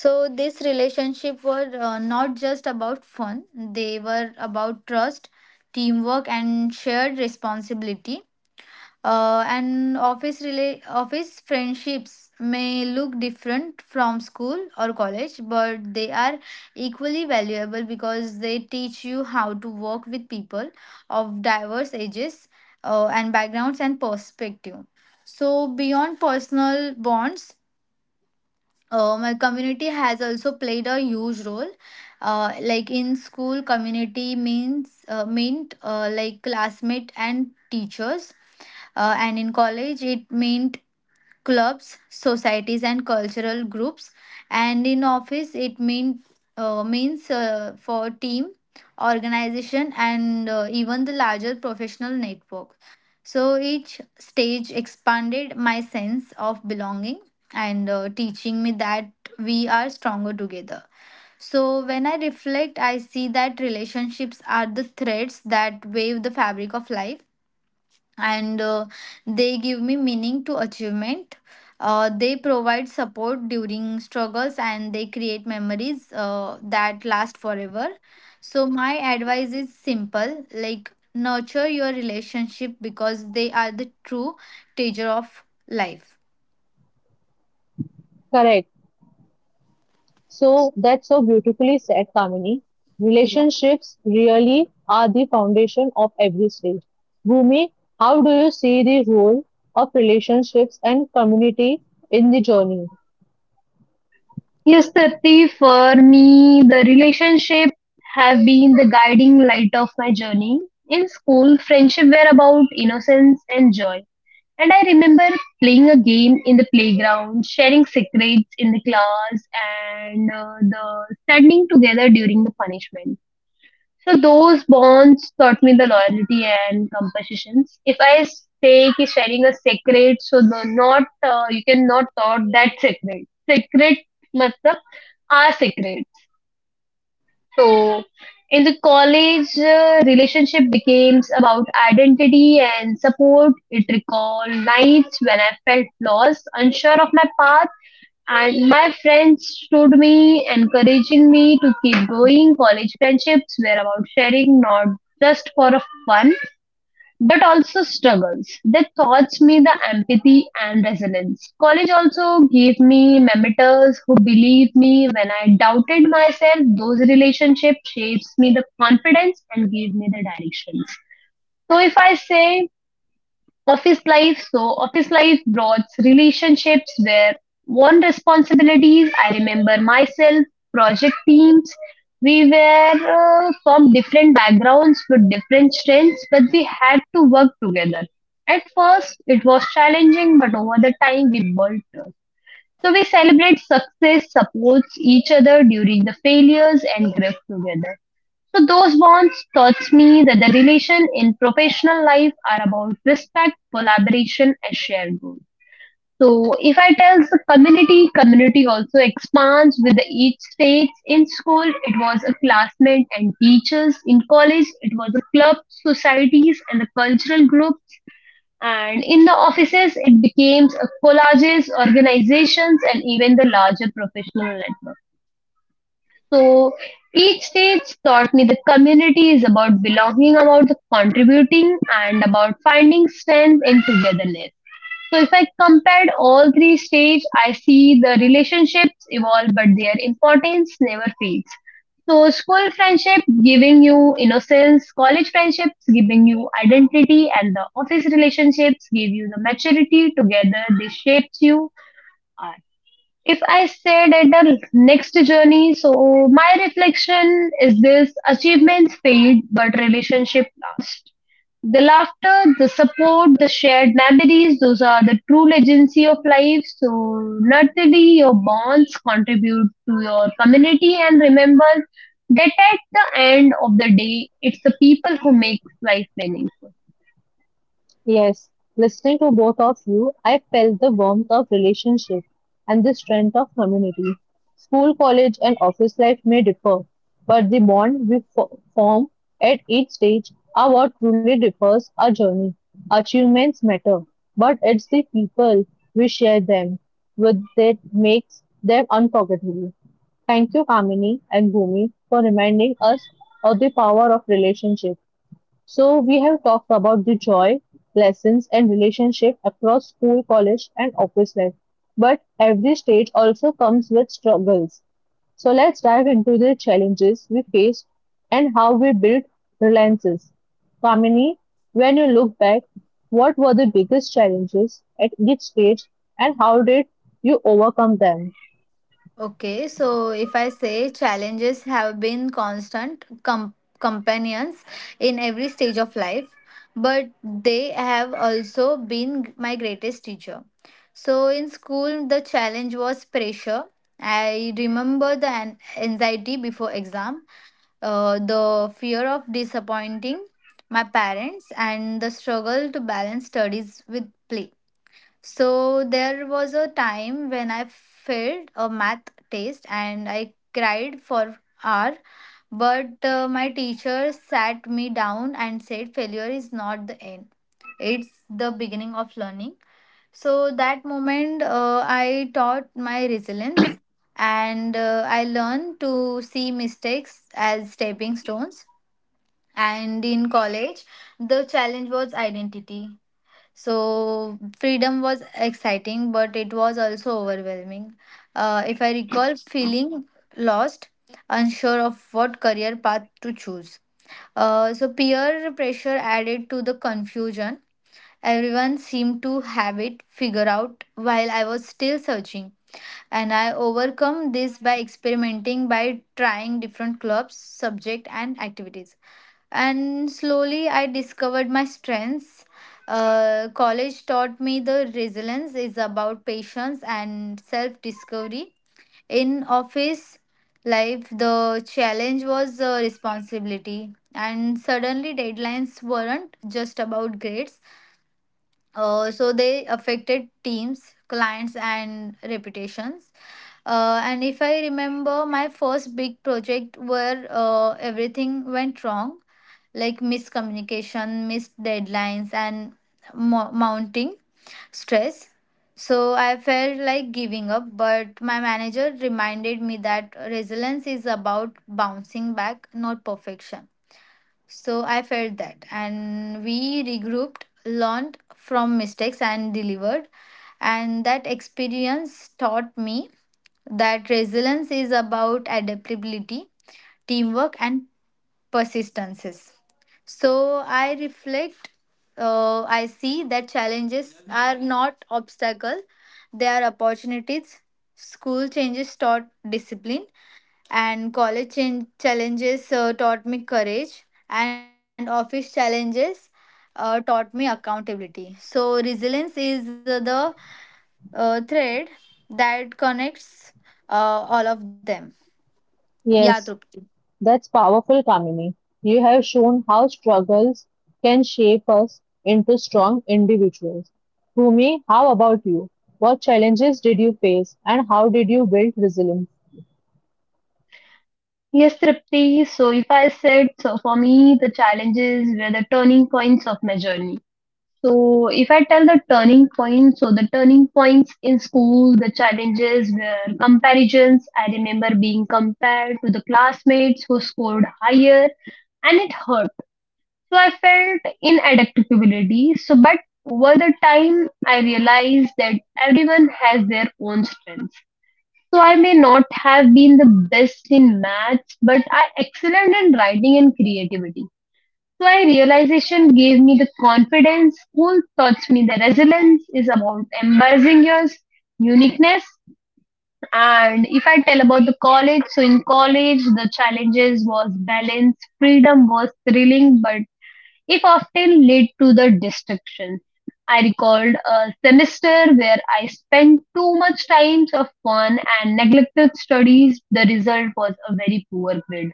Speaker 2: So this relationship were not just about fun, they were about trust, teamwork and shared responsibility. And office friendships may look different from school or college, but they are equally valuable because they teach you how to work with people of diverse ages and backgrounds and perspective. So beyond personal bonds, my community has also played a huge role. Like in school, community means meant like classmate and teachers, and in college it meant clubs, societies, and cultural groups. And in office, means for team, organization, and even the larger professional network. So each stage expanded my sense of belonging and teaching me that we are stronger together. So when I reflect, I see that relationships are the threads that wave the fabric of life, and they give me meaning to achievement. They provide support during struggles and they create memories that last forever. So my advice is simple, like nurture your relationship, because they are the true teacher of life.
Speaker 1: Correct. So that's so beautifully said, Kamini.
Speaker 2: Yeah.
Speaker 1: Relationships really are the foundation of every state. Bhumi, how do you see the role of relationships and community in the journey?
Speaker 3: Yes, Tarti, for me, the relationship have been the guiding light of my journey. In school, friendship were about innocence and joy. And I remember playing a game in the playground, sharing secrets in the class, and the standing together during the punishment. So those bonds taught me the loyalty and compositions. If I say ki sharing a secret, so the not you cannot thought that secret. Secret मतलब are secret. So, in the college, relationship became about identity and support. It recalled nights when I felt lost, unsure of my path, and my friends stood me, encouraging me to keep going. College friendships were about sharing, not just for fun, but also struggles. They taught me the empathy and resilience. College also gave me mentors who believed me when I doubted myself. Those relationships shapes me the confidence and gave me the directions. So if I say office life. So office life brought relationships where one responsibilities. I remember myself, project teams. We were from different backgrounds with different strengths, but we had to work together. At first, it was challenging, but over the time, we built trust. So we celebrate success, supports each other during the failures, and grieve together. So those bonds taught me that the relation in professional life are about respect, collaboration, and shared goal. So if I tell the community, community also expands with the each stage. In school, it was a classmate and teachers. In college, it was a club, societies, and the cultural groups. And in the offices, it became a collages, organizations, and even the larger professional network. So each stage taught me the community is about belonging, about the contributing, and about finding strength in togetherness. So if I compared all three stages, I see the relationships evolve, but their importance never fades. So school friendship giving you innocence, college friendships giving you identity, and the office relationships give you the maturity. Together, they shapes you if I said at the next journey, so my reflection is this achievements fade, but relationship last. The laughter, the support, the shared memories, those are the true legacy of life. So, naturally, your bonds contribute to your community. And remember that at the end of the day, it's the people who make life meaningful.
Speaker 1: Yes, listening to both of you, I felt the warmth of relationship and the strength of community. School, college, and office life may differ, but the bond we form at each stage are what truly differs our journey. Achievements matter, but it's the people we share them with that makes them unforgettable. Thank you, Kamini and Bhumi, for reminding us of the power of relationship. So we have talked about the joy, lessons, and relationship across school, college, and office life. But every stage also comes with struggles. So let's dive into the challenges we faced and how we built reliances. Kamini, when you look back, what were the biggest challenges at each stage and how did you overcome them?
Speaker 2: Okay, so if I say challenges have been constant companions in every stage of life, but they have also been my greatest teacher. So in school, the challenge was pressure. I remember the anxiety before exam, the fear of disappointing my parents, and the struggle to balance studies with play. So there was a time when I failed a math test and I cried for hour, but my teacher sat me down and said failure is not the end. It's the beginning of learning. So that moment I taught my resilience, and I learned to see mistakes as stepping stones. And in college, the challenge was identity. So freedom was exciting, but it was also overwhelming. If I recall, feeling lost, unsure of what career path to choose. So peer pressure added to the confusion. Everyone seemed to have it figured out while I was still searching. And I overcome this by experimenting, by trying different clubs, subject, and activities. And slowly I discovered my strengths. College taught me the resilience is about patience and self discovery. In office life, the challenge was responsibility, and suddenly deadlines weren't just about grades. So they affected teams, clients, and reputations. And if I remember, my first big project where everything went wrong, like miscommunication, missed deadlines, and mounting stress. So I felt like giving up, but my manager reminded me that resilience is about bouncing back, not perfection. So I felt that. And we regrouped, learned from mistakes, and delivered. And that experience taught me that resilience is about adaptability, teamwork, and persistences. So I reflect, I see that challenges are not obstacles, they are opportunities. School changes taught discipline, and challenges taught me courage, and office challenges taught me accountability. So resilience is the thread that connects uh, all of them. Yeah, Trupti.
Speaker 1: Yes, that's powerful, Kamini. You have shown how struggles can shape us into strong individuals. Bhumi, how about you? What challenges did you face and how did you build resilience?
Speaker 3: Yes, Tripti. So, if I said, so for me, the challenges were the turning points of my journey. So, if I tell the turning point, so the turning points in school, the challenges were comparisons. I remember being compared to the classmates who scored higher, and it hurt. So, I felt inadequacy. So, but over the time, I realized that everyone has their own strengths. So, I may not have been the best in maths, but I excelled in writing and creativity. So I realization gave me the confidence. School taught me that resilience is about embracing your uniqueness. And if I tell about the college, so in college the challenges was balance, freedom was thrilling, but it often led to the destruction. I recalled a semester where I spent too much time of fun and neglected studies. The result was a very poor grade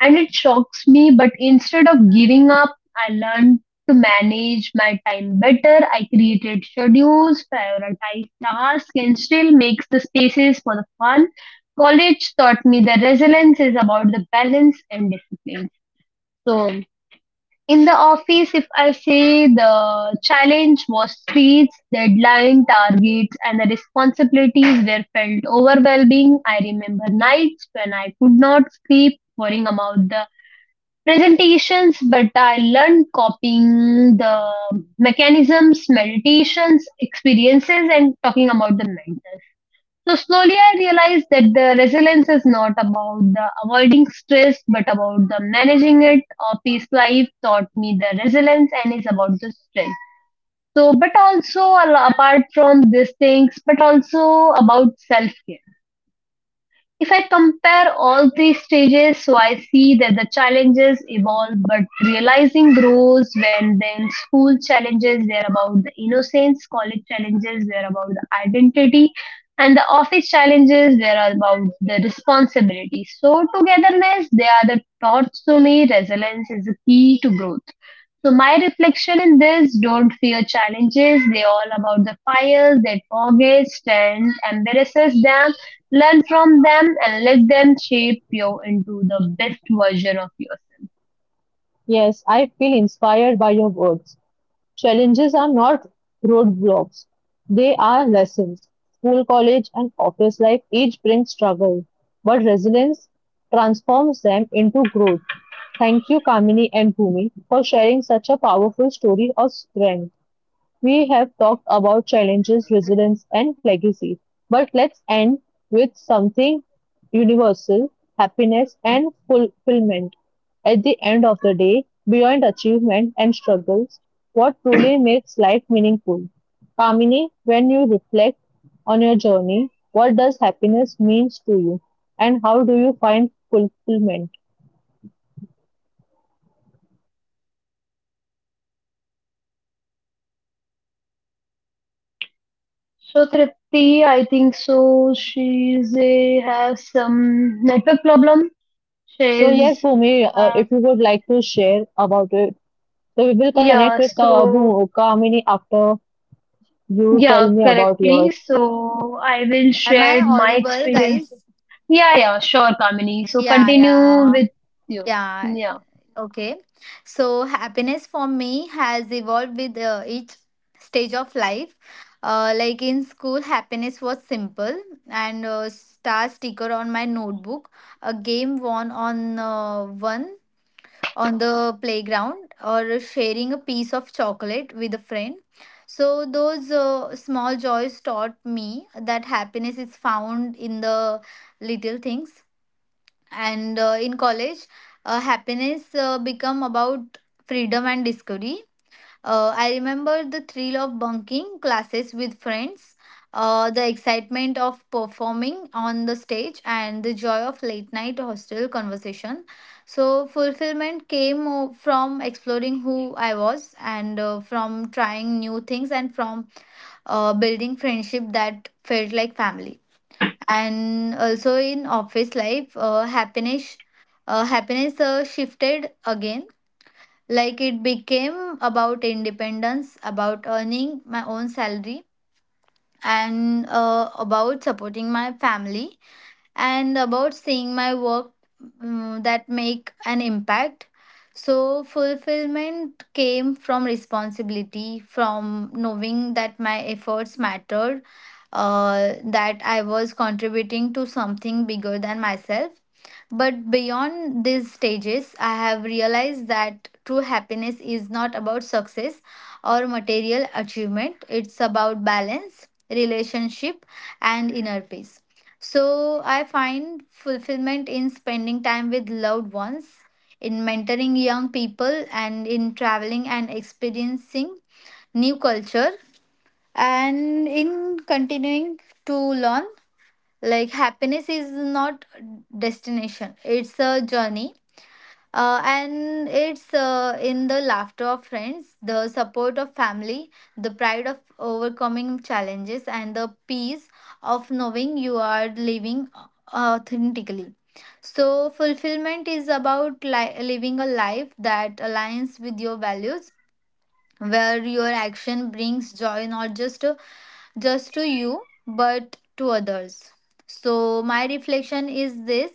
Speaker 3: and it shocks me. But instead of giving up, I learned to manage my time better. I created schedules, prioritized tasks, and still makes the spaces for the fun. College taught me that resilience is about the balance and discipline. So in the office, if I say the challenge was streets, deadline, targets, and the responsibilities were felt overwhelming, I remember nights when I could not sleep, worrying about the presentations, but I learned copying the mechanisms, meditations, experiences, and talking about the mental. So slowly I realized that the resilience is not about the avoiding stress, but about the managing it. Or peace life taught me the resilience and is about the strength. So, but also apart from these things, but also about self care. If I compare all three stages, so I see that the challenges evolve, but realizing grows when then school challenges were about the innocence, college challenges were about the identity, and the office challenges were about the responsibility. So, togetherness, they are the thoughts to me, resilience is the key to growth. So my reflection in this, don't fear challenges. They all about the fires that forgets and embarrasses them. Learn from them and let them shape you into the best version of yourself.
Speaker 1: Yes, I feel inspired by your words. Challenges are not roadblocks, they are lessons; school, college, and office life each brings struggle, but resilience transforms them into growth. Thank you, Kamini and Bhumi, for sharing such a powerful story of strength. We have talked about challenges, resilience, and legacy, but let's end with something universal happiness and fulfillment. At the end of the day, beyond achievement and struggles, what truly makes life meaningful? Kamini, when you reflect on your journey, what does happiness means to you, and how do you find fulfillment?
Speaker 2: Okay, so happiness for me has evolved with each stage of life, and in school happiness
Speaker 3: So
Speaker 2: was simple.
Speaker 3: Tripti, I think so. She's a, has some network problem.
Speaker 1: So yes,
Speaker 3: She's
Speaker 1: Bhumi,
Speaker 3: uh,
Speaker 1: if you would like to share about it, so we will connect
Speaker 3: yeah.
Speaker 1: with
Speaker 3: So
Speaker 1: Kamini after you
Speaker 3: yeah,
Speaker 1: tell me about
Speaker 3: correctly.
Speaker 1: yours.
Speaker 3: So I will
Speaker 2: Am I
Speaker 3: share my
Speaker 2: audible,
Speaker 3: experience.
Speaker 2: guys?
Speaker 3: Yeah, yeah, sure, Kamini.
Speaker 2: Yeah,
Speaker 3: So
Speaker 2: yeah,
Speaker 3: continue with you.
Speaker 2: yeah.
Speaker 3: Yeah.
Speaker 2: Okay. So happiness for me has evolved with each stage of life. Like in school, happiness was simple, and a star sticker on my notebook, a game won on one on the playground, or sharing a piece of chocolate with a friend. So those small joys taught me that happiness is found in the little things. And in college, happiness become about freedom and discovery. I remember the thrill of bunking classes with friends, the excitement of performing on the stage, and the joy of late night hostel conversation. So fulfillment came from exploring who I was, and from trying new things, and from building friendship that felt like family. And also in office life, happiness shifted again. Like it became about independence, about earning my own salary, and about supporting my family, and about seeing my work that make an impact. So fulfillment came from responsibility, from knowing that my efforts mattered, that I was contributing to something bigger than myself. But beyond these stages, I have realized that true happiness is not about success or material achievement, it's about balance, relationship, and inner peace. So I find fulfillment in spending time with loved ones, in mentoring young people, and in traveling and experiencing new culture, and in continuing to learn. Like happiness is not destination, it's a journey, and it's in the laughter of friends, the support of family, the pride of overcoming challenges, and the peace of knowing you are living authentically. So fulfillment is about living a life that aligns with your values, where your action brings joy not just to you but to others. So my reflection is this,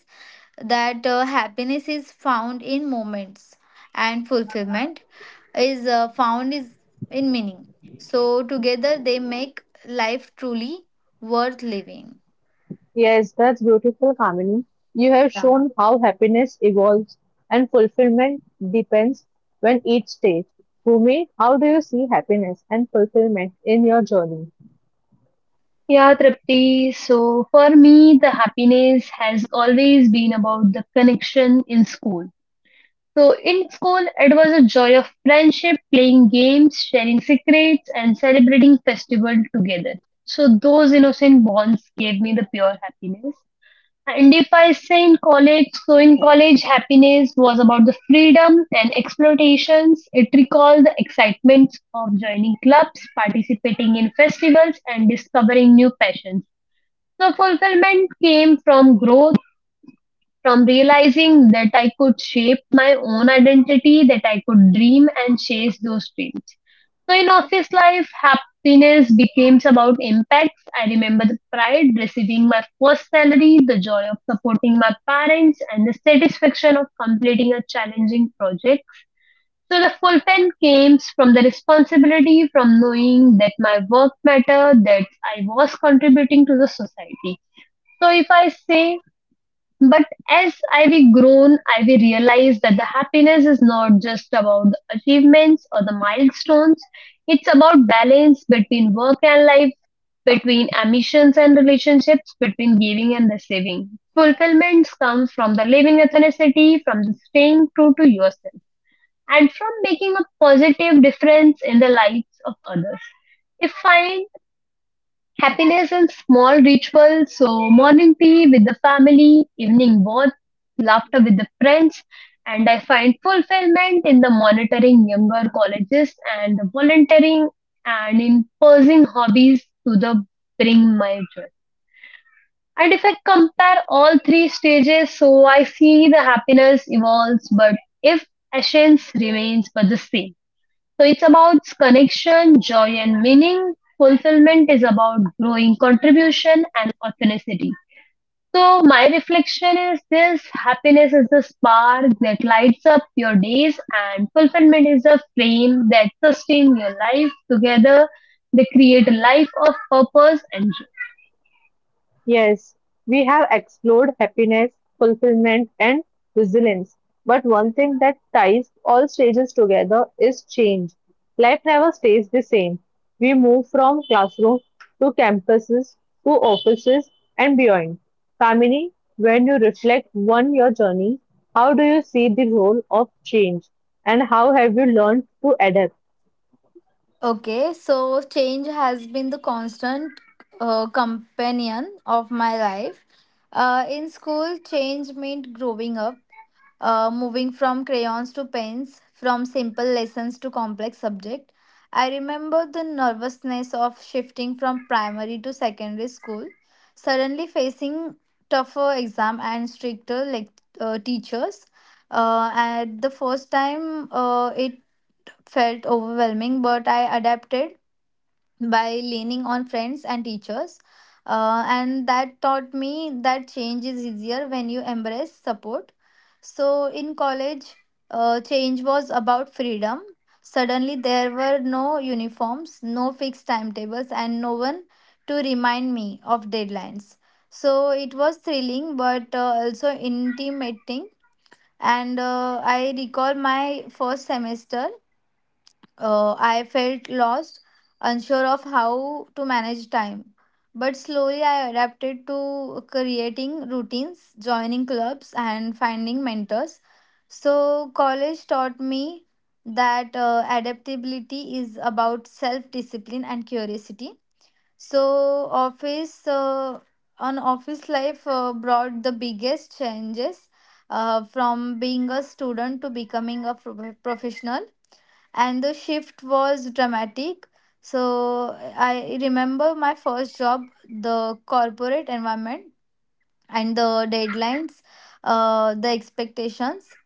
Speaker 2: that happiness is found in moments, and fulfillment is found is in meaning. So together they make life truly worth living.
Speaker 1: Yes, that's beautiful, Kamini. You have
Speaker 2: Yeah.
Speaker 1: shown how happiness evolves and fulfillment depends when each stage. Bhumi, how do you see happiness and fulfillment in your journey?
Speaker 3: Yeah, Tripti. So for me, the happiness has always been about the connection in school. So in school, it was a joy of friendship, playing games, sharing secrets, and celebrating festival together. So those innocent bonds gave me the pure happiness. And if I say in college, so in college, happiness was about the freedom and explorations. It recalled the excitement of joining clubs, participating in festivals, and discovering new passions. So fulfillment came from growth from realizing that I could shape my own identity, that I could dream and chase those dreams. So in office life, happiness becomes about impacts. I remember the pride receiving my first salary, the joy of supporting my parents, and the satisfaction of completing a challenging project. So the fulfillment came from the responsibility, from knowing that my work mattered, that I was contributing to the society. So if I say but as I we grown, I we realize that the happiness is not just about the achievements or the milestones. It's about balance between work and life, between ambitions and relationships, between giving and receiving. Fulfillments comes from the living authenticity, from the staying true to yourself, and from making a positive difference in the lives of others. If I Happiness in small rituals, so morning tea with the family, evening walk, laughter with the friends, and I find fulfillment in the monitoring younger colleges and the volunteering and in pursuing hobbies to the bring my joy. And if I compare all three stages, so I see the happiness evolves, but if essence remains but the same. So it's about connection, joy, and meaning. Fulfillment is about growing contribution and authenticity. So my reflection is this happiness is the spark that lights up your days and fulfillment is the flame that sustains your life. Together they create a life of purpose and joy.
Speaker 1: Yes, we have explored happiness, fulfillment, and resilience. But one thing that ties all stages together is change. Life never stays the same. We move from classroom to campuses to offices and beyond. Kamini, when you reflect on your journey, how do you see the role of change and how have you learned to adapt?
Speaker 2: Okay, so change has been the constant companion of my life. In school, change meant growing up, moving from crayons to pens, from simple lessons to complex subject. I remember the nervousness of shifting from primary to secondary school, suddenly facing tougher exam and stricter lec teachers. At the first time, it felt overwhelming, but I adapted by leaning on friends and teachers. And that taught me that change is easier when you embrace support. So in college, change was about freedom. Suddenly, there were no uniforms, no fixed timetables, and no one to remind me of deadlines. So it was thrilling but also intimidating. And I recall my first semester, I felt lost, unsure of how to manage time. But slowly I adapted to creating routines, joining clubs, and finding mentors. So college taught me that adaptability is about self discipline and curiosity. So, office on office life brought the biggest changes, from being a student to becoming a professional, and the shift was dramatic. So I remember my first job, the corporate environment and the deadlines, the expectations.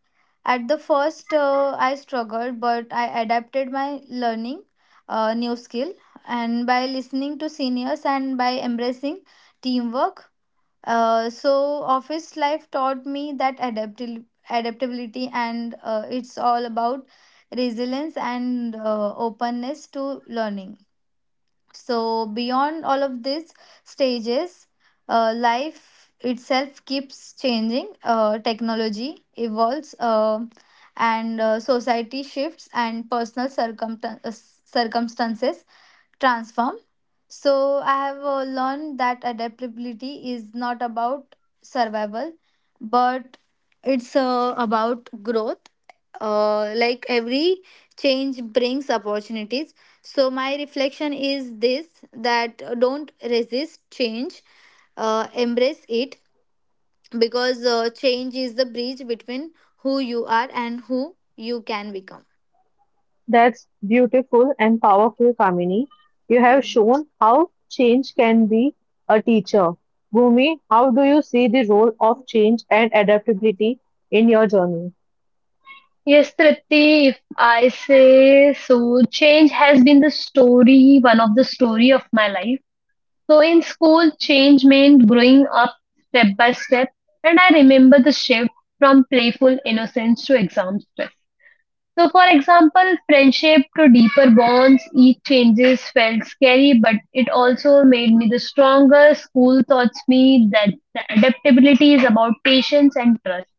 Speaker 2: At the first, I struggled, but I adapted my learning, new skill, and by listening to seniors and by embracing teamwork. So office life taught me that adaptability, and it's all about resilience and openness to learning. So beyond all of these stages, life itself keeps changing. Technology evolves, and society shifts, and personal circumstances transform. So I have learned that adaptability is not about survival, but it's about growth. Like every change brings opportunities. So my reflection is this: that don't resist change, embrace it, because change is the bridge between who you are and who you can become.
Speaker 1: That's beautiful and powerful, Kamini. You have shown how change can be a teacher. Bhumi, how do you see the role of change and adaptability in your journey?
Speaker 3: Yes, Tripti, if I say so, change has been the story, one of the story of my life. So in school, change meant growing up step by step, and I remember the shift from playful innocence to exam stress. So, for example, friendship to deeper bonds, each changes felt scary, but it also made me the stronger. School taught me that the adaptability is about patience and trust.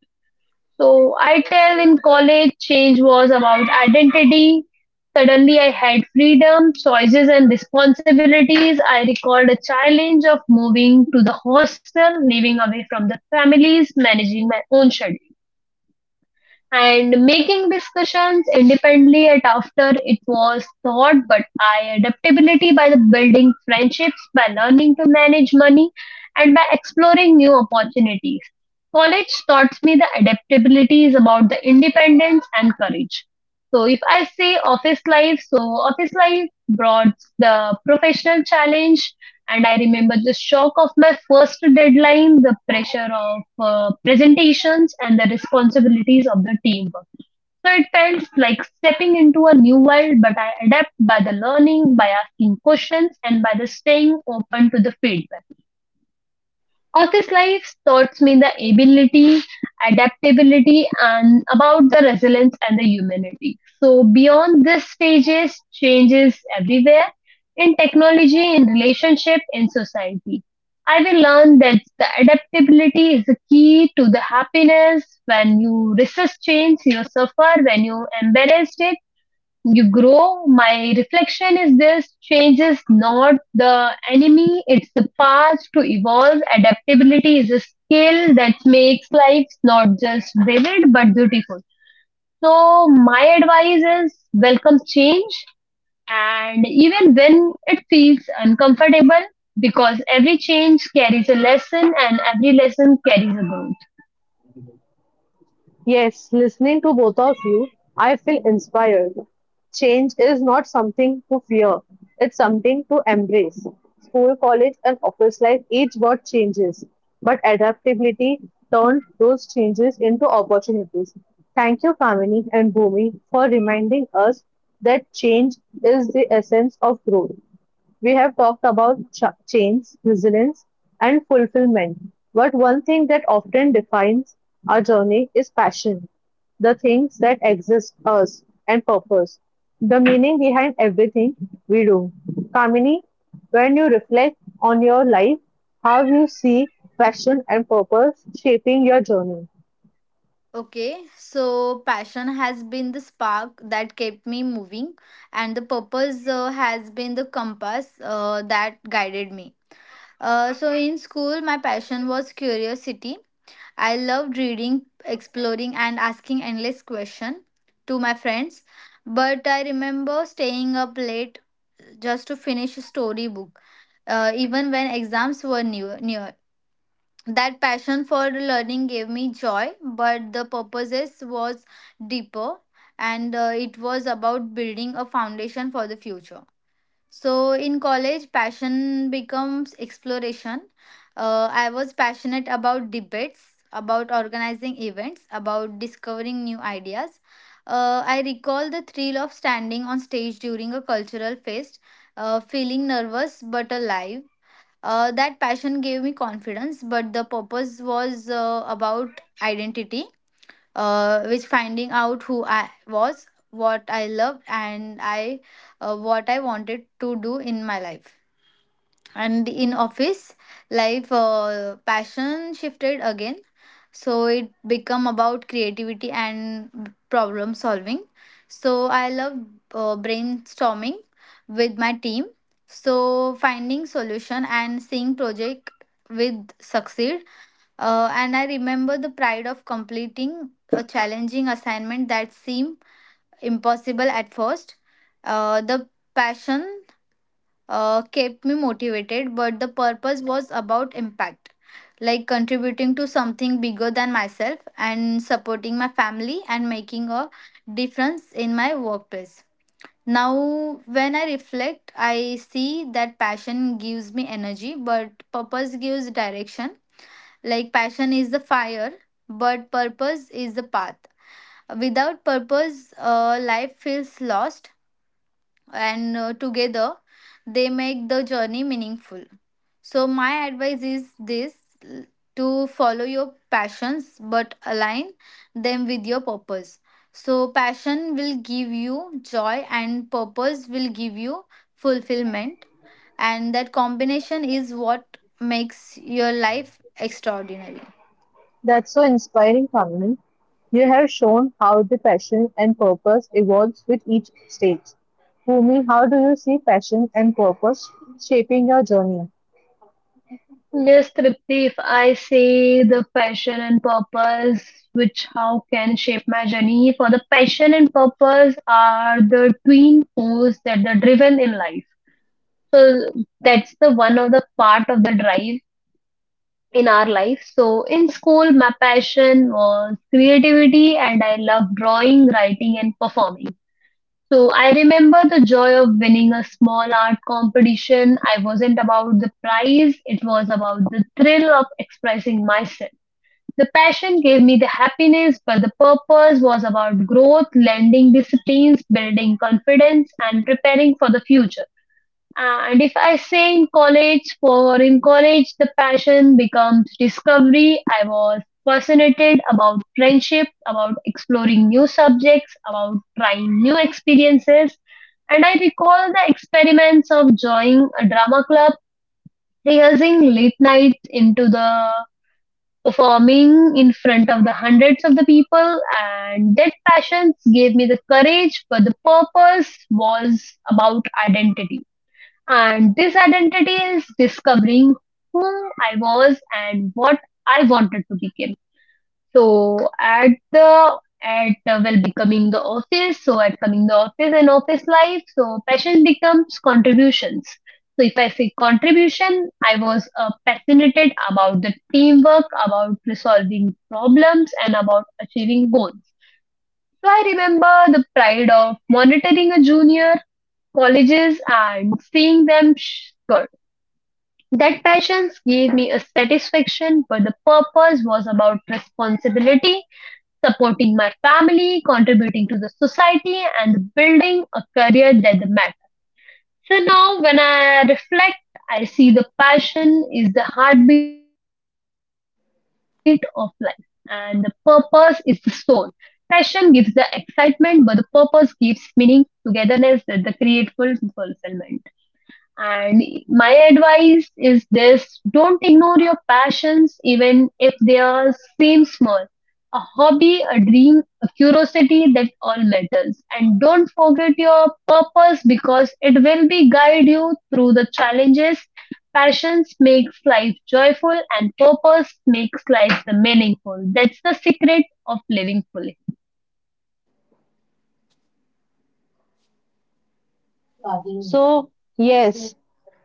Speaker 3: So I tell in college, change was about identity. Suddenly, I had freedom, choices, and responsibilities. I recalled a challenge of moving to the hostel, living away from the families, managing my own schedule and making discussions independently at after it was thought but I adaptability by the building friendships by learning to manage money and by exploring new opportunities. College taught me the adaptability is about the independence and courage. So if I say office life, so office life brought the professional challenge, and I remember the shock of my first deadline, the pressure of presentations, and the responsibilities of the teamwork. So it felt like stepping into a new world, but I adapt by the learning, by asking questions, and by the staying open to the feedback. Office life taught me the ability, adaptability, and about the resilience and the humanity. So, beyond these stages, changes everywhere in technology, in relationship, in society. I will learn that the adaptability is the key to the happiness. When you resist change, you suffer. When you embrace it, you grow. My reflection is this change is not the enemy, it's the path to evolve. Adaptability is a skill that makes life not just brilliant but beautiful. So, my advice is welcome change, and even when it feels uncomfortable, because every change carries a lesson and every lesson carries a goal.
Speaker 1: Yes, listening to both of you, I feel inspired. Change is not something to fear, it's something to embrace. School, college, and office life each brought changes, but adaptability turned those changes into opportunities. Thank you, Kamini and Bhumi, for reminding us that change is the essence of growth. We have talked about change, resilience, and fulfillment. But one thing that often defines our journey is passion, the things that exist us, and purpose, the meaning behind everything we do. Kamini, when you reflect on your life, how you see passion and purpose shaping your journey?
Speaker 2: Okay, so passion has been the spark that kept me moving, and the purpose has been the compass that guided me. So in school, my passion was curiosity. I loved reading, exploring, and asking endless questions to my friends. But I remember staying up late just to finish a storybook, even when exams were near. That passion for learning gave me joy, but the purposes was deeper, and it was about building a foundation for the future. So in college, passion becomes exploration. I was passionate about debates, about organizing events, about discovering new ideas. I recall the thrill of standing on stage during a cultural fest, feeling nervous but alive. That passion gave me confidence, but the purpose was about identity, which finding out who I was, what I loved, and I what I wanted to do in my life. And in office life, passion shifted again. So it become about creativity and problem solving. So I love brainstorming with my team, so finding solution and seeing project with succeed. And I remember the pride of completing a challenging assignment that seemed impossible at first. The passion kept me motivated, but the purpose was about impact, like contributing to something bigger than myself, and supporting my family, and making a difference in my workplace. Now, when I reflect, I see that passion gives me energy, but purpose gives direction. Like, passion is the fire, but purpose is the path. Without purpose, life feels lost and together they make the journey meaningful. So, my advice is this, to follow your passions but align them with your purpose. So, passion will give you joy, and purpose will give you fulfillment. And that combination is what makes your life extraordinary.
Speaker 1: That's so inspiring, Kamini. You have shown how the passion and purpose evolves with each stage. Bhumi, how do you see passion and purpose shaping your journey?
Speaker 3: Yes, Tripti, if I say the passion and purpose, which how can shape my journey, for the passion and purpose are the twin force that are driven in life. So that's the one of the part of the drive in our life. So in school, my passion was creativity and I love drawing, writing and performing. So I remember the joy of winning a small art competition. I wasn't about the prize, it was about the thrill of expressing myself. The passion gave me the happiness, but the purpose was about growth, lending disciplines, building confidence, and preparing for the future. And if I say in college, for in college, the passion becomes discovery. I was fascinated about friendship, about exploring new subjects, about trying new experiences. And I recall the experiments of joining a drama club, rehearsing late nights into the performing in front of the hundreds of the people, and that passion gave me the courage, but the purpose was about identity, and this identity is discovering who I was and what I wanted to become. So at the at well becoming the office, so at coming the office and office life, so passion becomes contributions. So if I say contribution, I was passionate about the teamwork, about resolving problems, and about achieving goals. So I remember the pride of monitoring a junior colleges and seeing them that passion gave me a satisfaction, but the purpose was about responsibility, supporting my family, contributing to the society, and building a career that mattered. So now, when I reflect, I see the passion is the heartbeat of life, and the purpose is the soul. Passion gives the excitement, but the purpose gives meaning, togetherness, and the creative fulfillment. And my advice is this: don't ignore your passions, even if they are seem small. A hobby, a dream, a curiosity, that all matters. And don't forget your purpose because it will be guide you through the challenges. Passions makes life joyful and purpose makes life the meaningful. That's the secret of living fully.
Speaker 1: So, yes,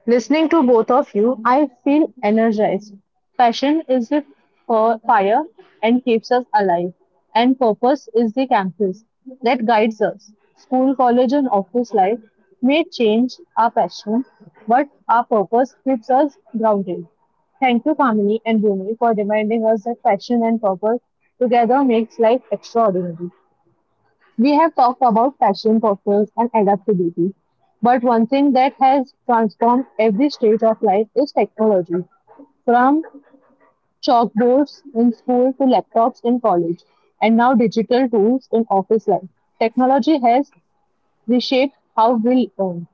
Speaker 1: listening to both of you, I feel energized. Passion is the fire and keeps us alive, and purpose is the compass that guides us. School, college, and office life may change our passion, but our purpose keeps us grounded. Thank you, Kamini and Bhumi, for reminding us that passion and purpose together makes life extraordinary. We have talked about passion, purpose, and adaptability. But one thing that has transformed every stage of life is technology. From chalkboards in school to laptops in college, and now digital tools in office life. Technology has reshaped how we learn,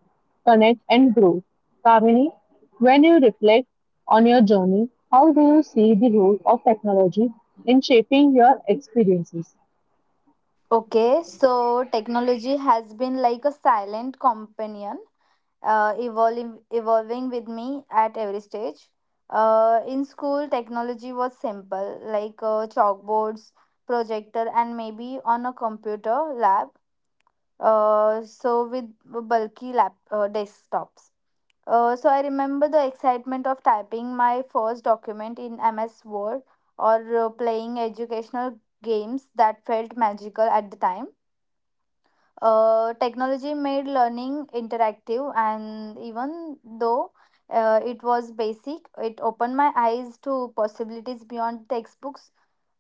Speaker 1: connect, and grow. Kamini, when you reflect on your journey, how do you see the role of technology in shaping your experiences?
Speaker 2: Okay, so technology has been like a silent companion, evolving with me at every stage. In school, technology was simple, like chalkboards, projector, and maybe on a computer lab. So with bulky lap desktops. So I remember the excitement of typing my first document in MS Word or playing educational games that felt magical at the time. Technology made learning interactive, and even though it was basic, it opened my eyes to possibilities beyond textbooks.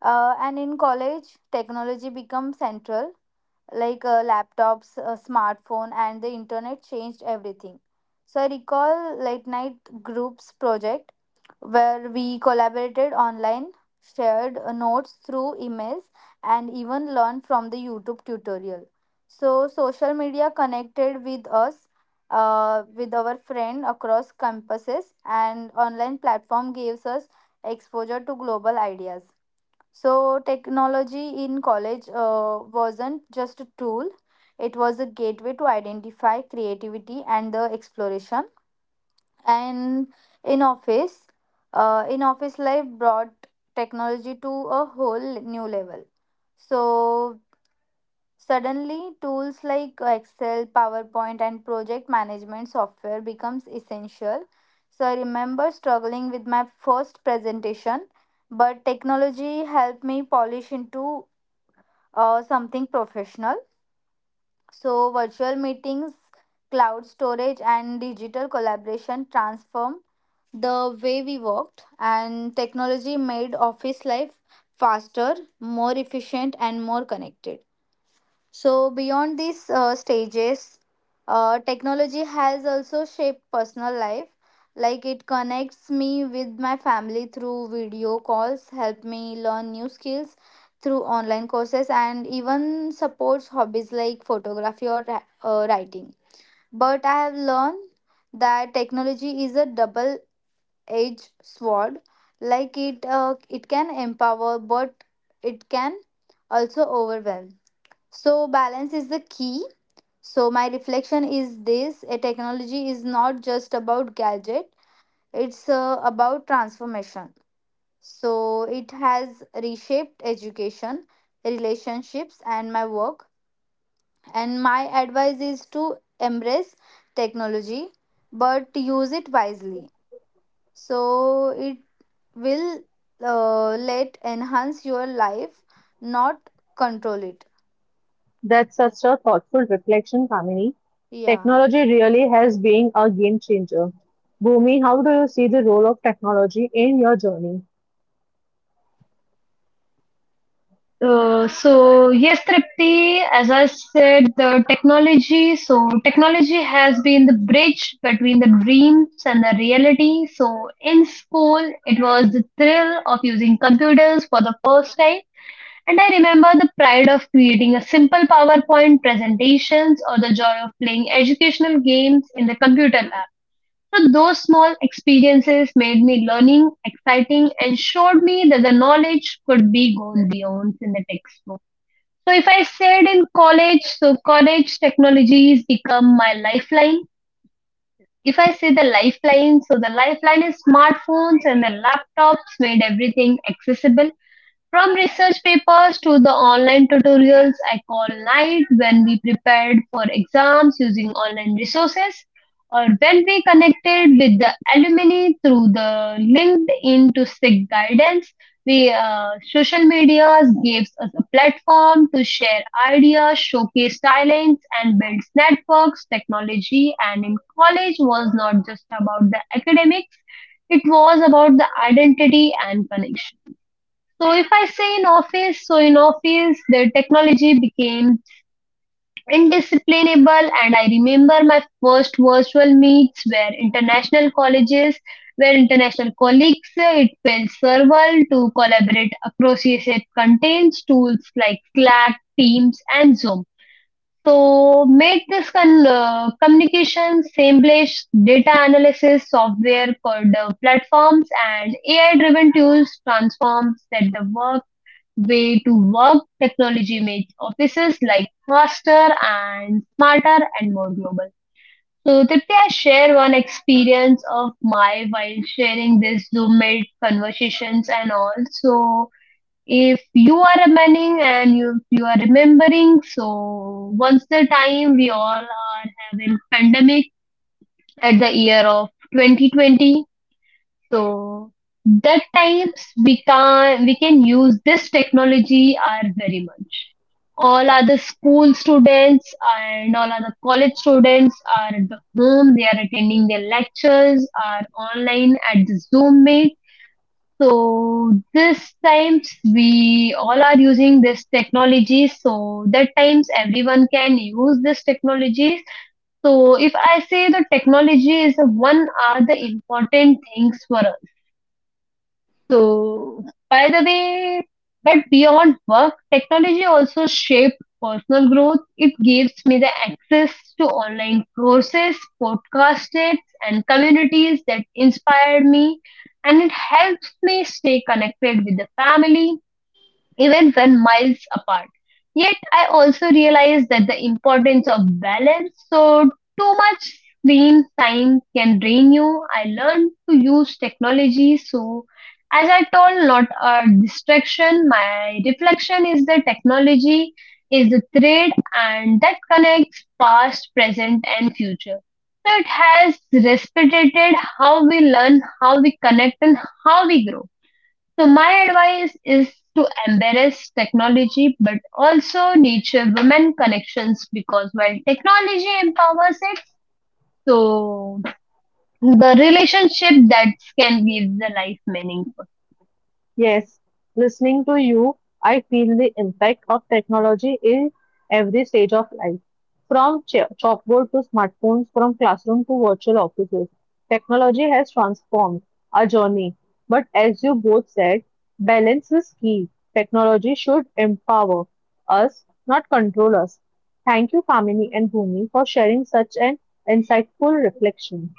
Speaker 2: And in college, technology became central, like laptops, smartphone, and the internet changed everything. So I recall late night groups project where we collaborated online, shared notes through emails, and even learned from the YouTube tutorial. So, social media connected with us, with our friend across campuses, and online platform gives us exposure to global ideas. So, technology in college wasn't just a tool; it was a gateway to identify creativity and the exploration. And in office in office life brought technology to a whole new level. So suddenly tools like excel, powerpoint, and project management software becomes essential. So I remember struggling with my first presentation, but technology helped me polish into something professional. So virtual meetings, cloud storage, and digital collaboration transform the way we worked, and technology made office life faster, more efficient, and more connected. So, beyond these stages, technology has also shaped personal life. Like it connects me with my family through video calls, help me learn new skills through online courses, and even supports hobbies like photography or writing. But I have learned that technology is a double edge sword. Like it can empower, but it can also overwhelm. So balance is the key. So my reflection is this, a technology is not just about gadget, it's about transformation. So it has reshaped education, relationships, and my work. And my advice is to embrace technology but use it wisely, so it will let enhance your life, not control it.
Speaker 1: That's such a thoughtful reflection, Kamini.
Speaker 2: Yeah.
Speaker 1: Technology really has been a game changer. Bhumi, how do you see the role of technology in your journey?
Speaker 3: So yes, Tripti, as I said, the technology. So technology has been the bridge between the dreams and the reality. So in school, it was the thrill of using computers for the first time, and I remember the pride of creating a simple PowerPoint presentations or the joy of playing educational games in the computer lab. So those small experiences made me learning exciting and showed me that the knowledge could be gone beyond in the textbook. So if I said in college, so college technologies become my lifeline. If I say the lifeline, so the lifeline is smartphones and the laptops made everything accessible. From research papers to the online tutorials I call night when we prepared for exams using online resources or when we connected with the alumni through the LinkedIn to seek guidance. We social medias gives us a platform to share ideas, showcase talents, and build networks. Technology and in college was not just about the academics; it was about the identity and connection. So if I say in office, so in office the technology became indisciplinable, and I remember my first virtual meets were international colleges where international colleagues it felt serval to collaborate across ESF contains tools like Slack, Teams and Zoom. So made this communication seamless, data analysis software called platforms and AI driven tools transforms that the work way to work, technology makes offices like faster and smarter and more global. So, Tipti, I share one experience of my while sharing this Zoom made conversations and all. So, if you are remembering and you are remembering, so once the time we all are having pandemic at the year of 2020, so that times we can use this technology are very much. All other school students and all other college students are at the home. They are attending their lectures, are online at the Zoom meet. So this times we all are using this technology. So that times everyone can use this technology. So if I say the technology is the one are the important things for us. So, by the way, but beyond work, technology also shaped personal growth. It gives me the access to online courses, podcasts, and communities that inspired me, and it helps me stay connected with the family even when miles apart. Yet, I also realize that the importance of balance. So, too much screen time can drain you. I learned to use technology. So, as I told, not a distraction. My reflection is the technology is the thread and that connects past, present, and future. So, it has respected how we learn, how we connect, and how we grow. So my advice is to embrace technology, but also nurture women connections because while technology empowers it, so the relationship that can give the life meaningful.
Speaker 1: Yes, listening to you, I feel the impact of technology in every stage of life. From chalkboard to smartphones, from classroom to virtual offices, technology has transformed our journey. But as you both said, balance is key. Technology should empower us, not control us. Thank you, Kamini and Bhumi, for sharing such an insightful reflection.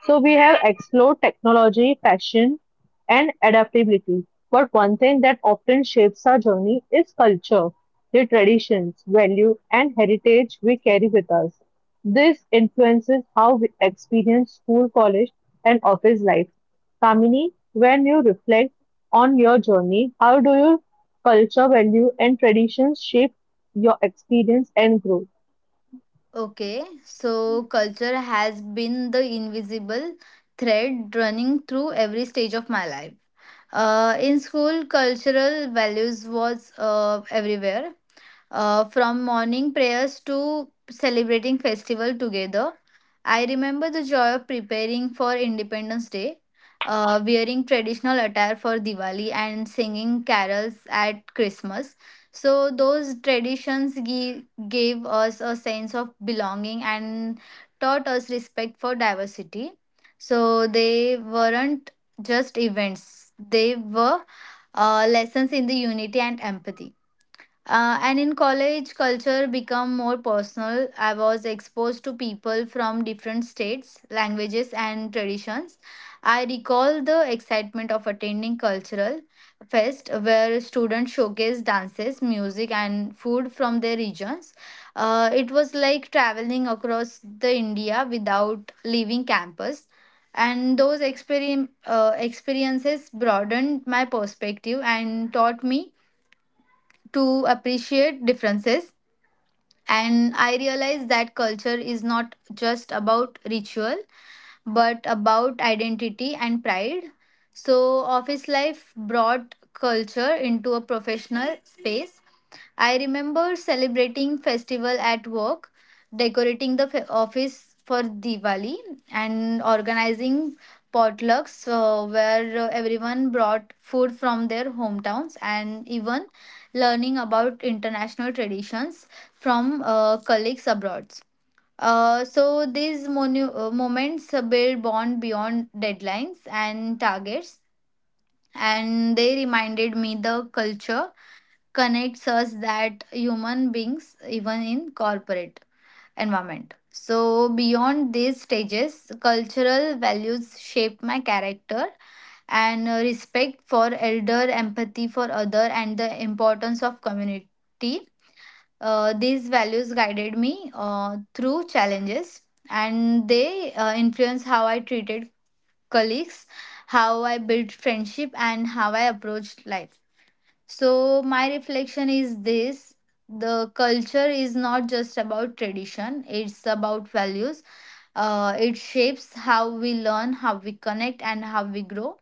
Speaker 1: So we have explored technology, fashion, and adaptability. But one thing that often shapes our journey is culture, the traditions, value, and heritage we carry with us. This influences how we experience school, college, and office life. Kamini, when you reflect on your journey, how do your culture, value, and traditions shape your experience and growth?
Speaker 2: Okay, so culture has been the invisible thread running through every stage of my life. In school, cultural values was everywhere, from morning prayers to celebrating festival together. I remember the joy of preparing for Independence Day, wearing traditional attire for Diwali and singing carols at Christmas. So those traditions gave us a sense of belonging and taught us respect for diversity. So they weren't just events; they were lessons in the unity and empathy. And in college, culture become more personal. I was exposed to people from different states, languages, and traditions. I recall the excitement of attending cultural fest where students showcase dances, music, and food from their regions. It was like traveling across the India without leaving campus. And those experiences broadened my perspective and taught me to appreciate differences. And I realized that culture is not just about ritual, but about identity and pride. So, office life brought culture into a professional space. I remember celebrating festival at work, decorating the office for Diwali, and organizing potlucks, where everyone brought food from their hometowns, and even learning about international traditions from colleagues abroad. So these moments build bond beyond deadlines and targets, and they reminded me the culture connects us that human beings even in corporate environment. So beyond these stages, cultural values shape my character, and respect for elder, empathy for other, and the importance of community. These values guided me through challenges, and they influence how I treated colleagues, how I built friendship, and how I approached life. So, my reflection is this, the culture is not just about tradition, it's about values. It shapes how we learn, how we connect, and how we grow.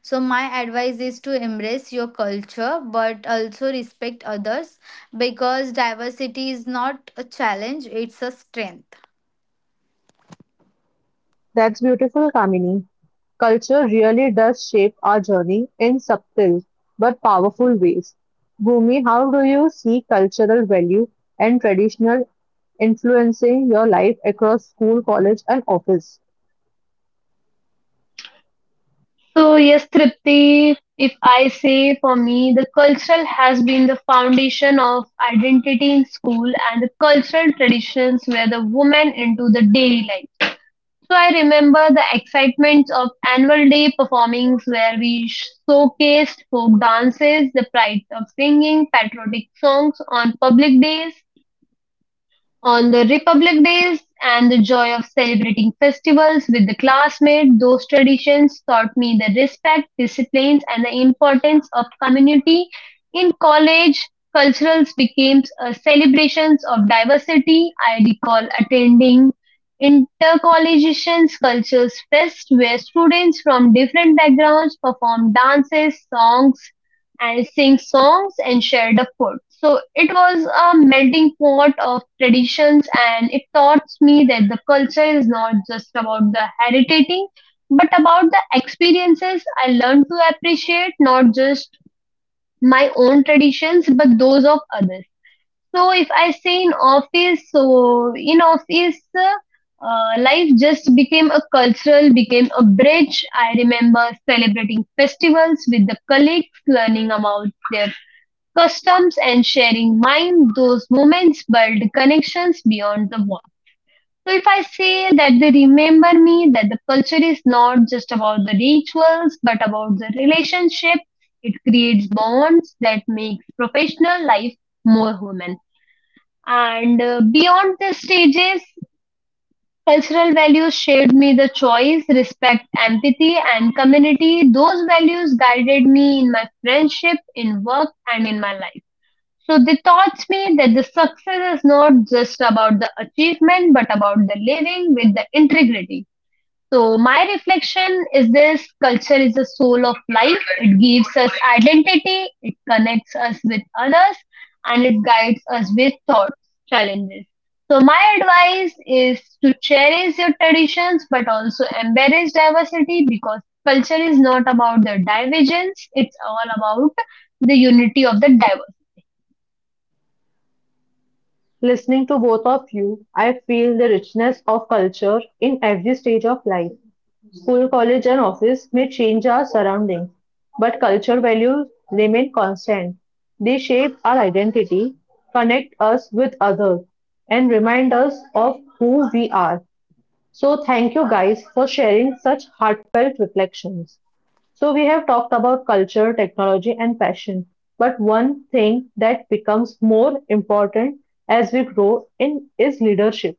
Speaker 2: So, my advice is to embrace your culture but also respect others, because diversity is not a challenge, it's a strength.
Speaker 1: That's beautiful, Kamini. Culture really does shape our journey in subtle but powerful ways. Bhumi, how do you see cultural value and traditional influencing your life across school, college, and office?
Speaker 3: So yes, Tripti, if I say for me, the cultural has been the foundation of identity in school and the cultural traditions were the women into the daily life. So I remember the excitement of annual day performings where we showcased folk dances, the pride of singing patriotic songs on public days, on the Republic Days, and the joy of celebrating festivals with the classmates. Those traditions taught me the respect, disciplines, and the importance of community. In college, culturals became celebrations of diversity. I recall attending Intercollegiations Cultures Fest, where students from different backgrounds performed dances, songs, and sing songs and share the food. So it was a melting pot of traditions and it taught me that the culture is not just about the heritating but about the experiences. I learned to appreciate not just my own traditions but those of others. So if I say in office, so in office life just became a cultural, became a bridge. I remember celebrating festivals with the colleagues, learning about their customs and sharing mind. Those moments build connections beyond the wall. So if I say that, they remember me that the culture is not just about the rituals but about the relationship. It creates bonds that makes professional life more human. And beyond the stages, cultural values shaped me the choice, respect, empathy and community. Those values guided me in my friendship, in work, and in my life. So they taught me that the success is not just about the achievement, but about the living with the integrity. So my reflection is this: culture is the soul of life. It gives us identity, it connects us with others, and it guides us with thoughts, challenges. So my advice is to cherish your traditions, but also embrace diversity because culture is not about the divergence. It's all about the unity of the diverse.
Speaker 1: Listening to both of you, I feel the richness of culture in every stage of life. School, college, and office may change our surroundings, but culture values remain constant. They shape our identity, connect us with others, and remind us of who we are. So, thank you guys for sharing such heartfelt reflections. So, we have talked about culture, technology, and fashion, but one thing that becomes more important as we grow in is leadership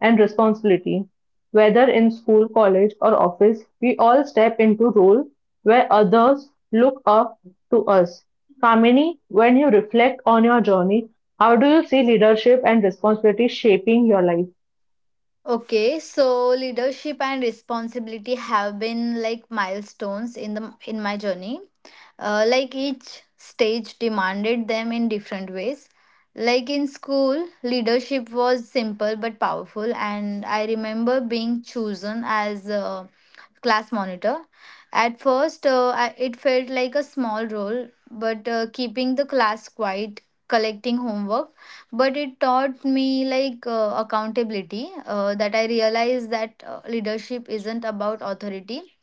Speaker 1: and responsibility. Whether in school, college, or office, we all step into roles where others look up to us. Kamini, when you reflect on your journey, how do you see leadership and responsibility shaping your life?
Speaker 2: Okay, so leadership and responsibility have been like milestones in the in my journey. Like each stage demanded them in different ways. Like in school, leadership was simple but powerful, and I remember being chosen as a class monitor. At first, it felt like a small role, but keeping the class quiet, collecting homework, but it taught me like accountability. That I realized that leadership isn't about authority,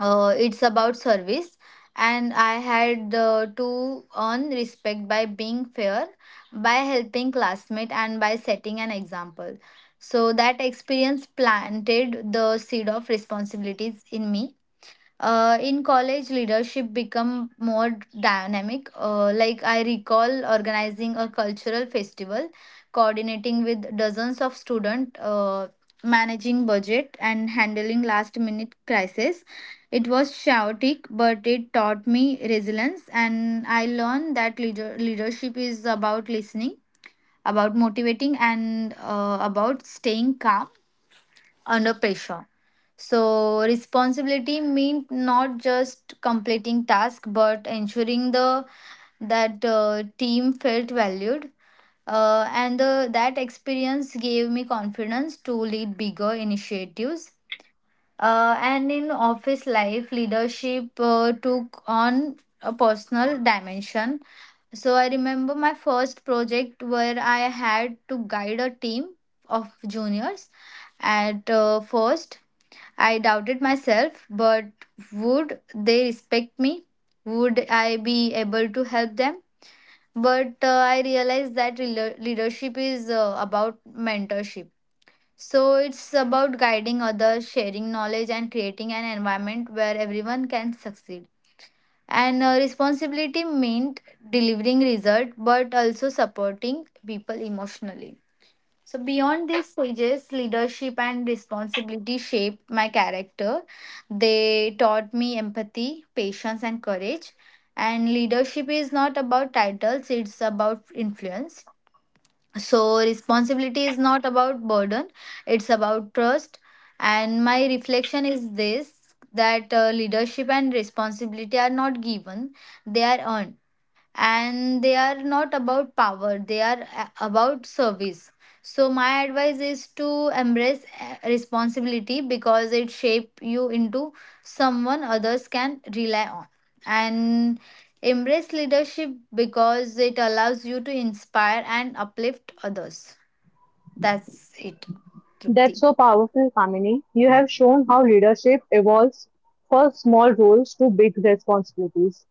Speaker 2: it's about service. And I had to earn respect by being fair, by helping classmate, and by setting an example. So that experience planted the seed of responsibilities in me. In college, leadership become more dynamic. Like I recall organizing a cultural festival, coordinating with dozens of students, managing budget, and handling last minute crisis. It was chaotic, but it taught me resilience, and I learned that leadership is about listening, about motivating, and about staying calm under pressure. So, responsibility means not just completing tasks but ensuring the that team felt valued. And that experience gave me confidence to lead bigger initiatives. And in office life, leadership took on a personal dimension. So I remember my first project where I had to guide a team of juniors. At first, I doubted myself, but would they respect me? Would I be able to help them? But I realized that leadership is about mentorship, so it's about guiding others, sharing knowledge, and creating an environment where everyone can succeed. And responsibility meant delivering result, but also supporting people emotionally. So beyond these stages, leadership and responsibility shaped my character. They taught me empathy, patience, and courage. And leadership is not about titles; it's about influence. So, responsibility is not about burden, it's about trust. And my reflection is this, that leadership and responsibility are not given, they are earned, and they are not about power, they are about service. So my advice is to embrace responsibility because it shape you into someone others can rely on, and embrace leadership because it allows you to inspire and uplift others. That's it, Trupti.
Speaker 1: That's so powerful, Kamini. You have shown how leadership evolves from small roles to big responsibilities.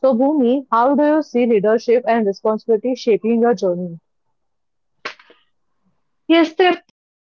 Speaker 1: So, Bhumi, how do you see leadership and responsibility shaping your journey?
Speaker 3: Yes, Tripti.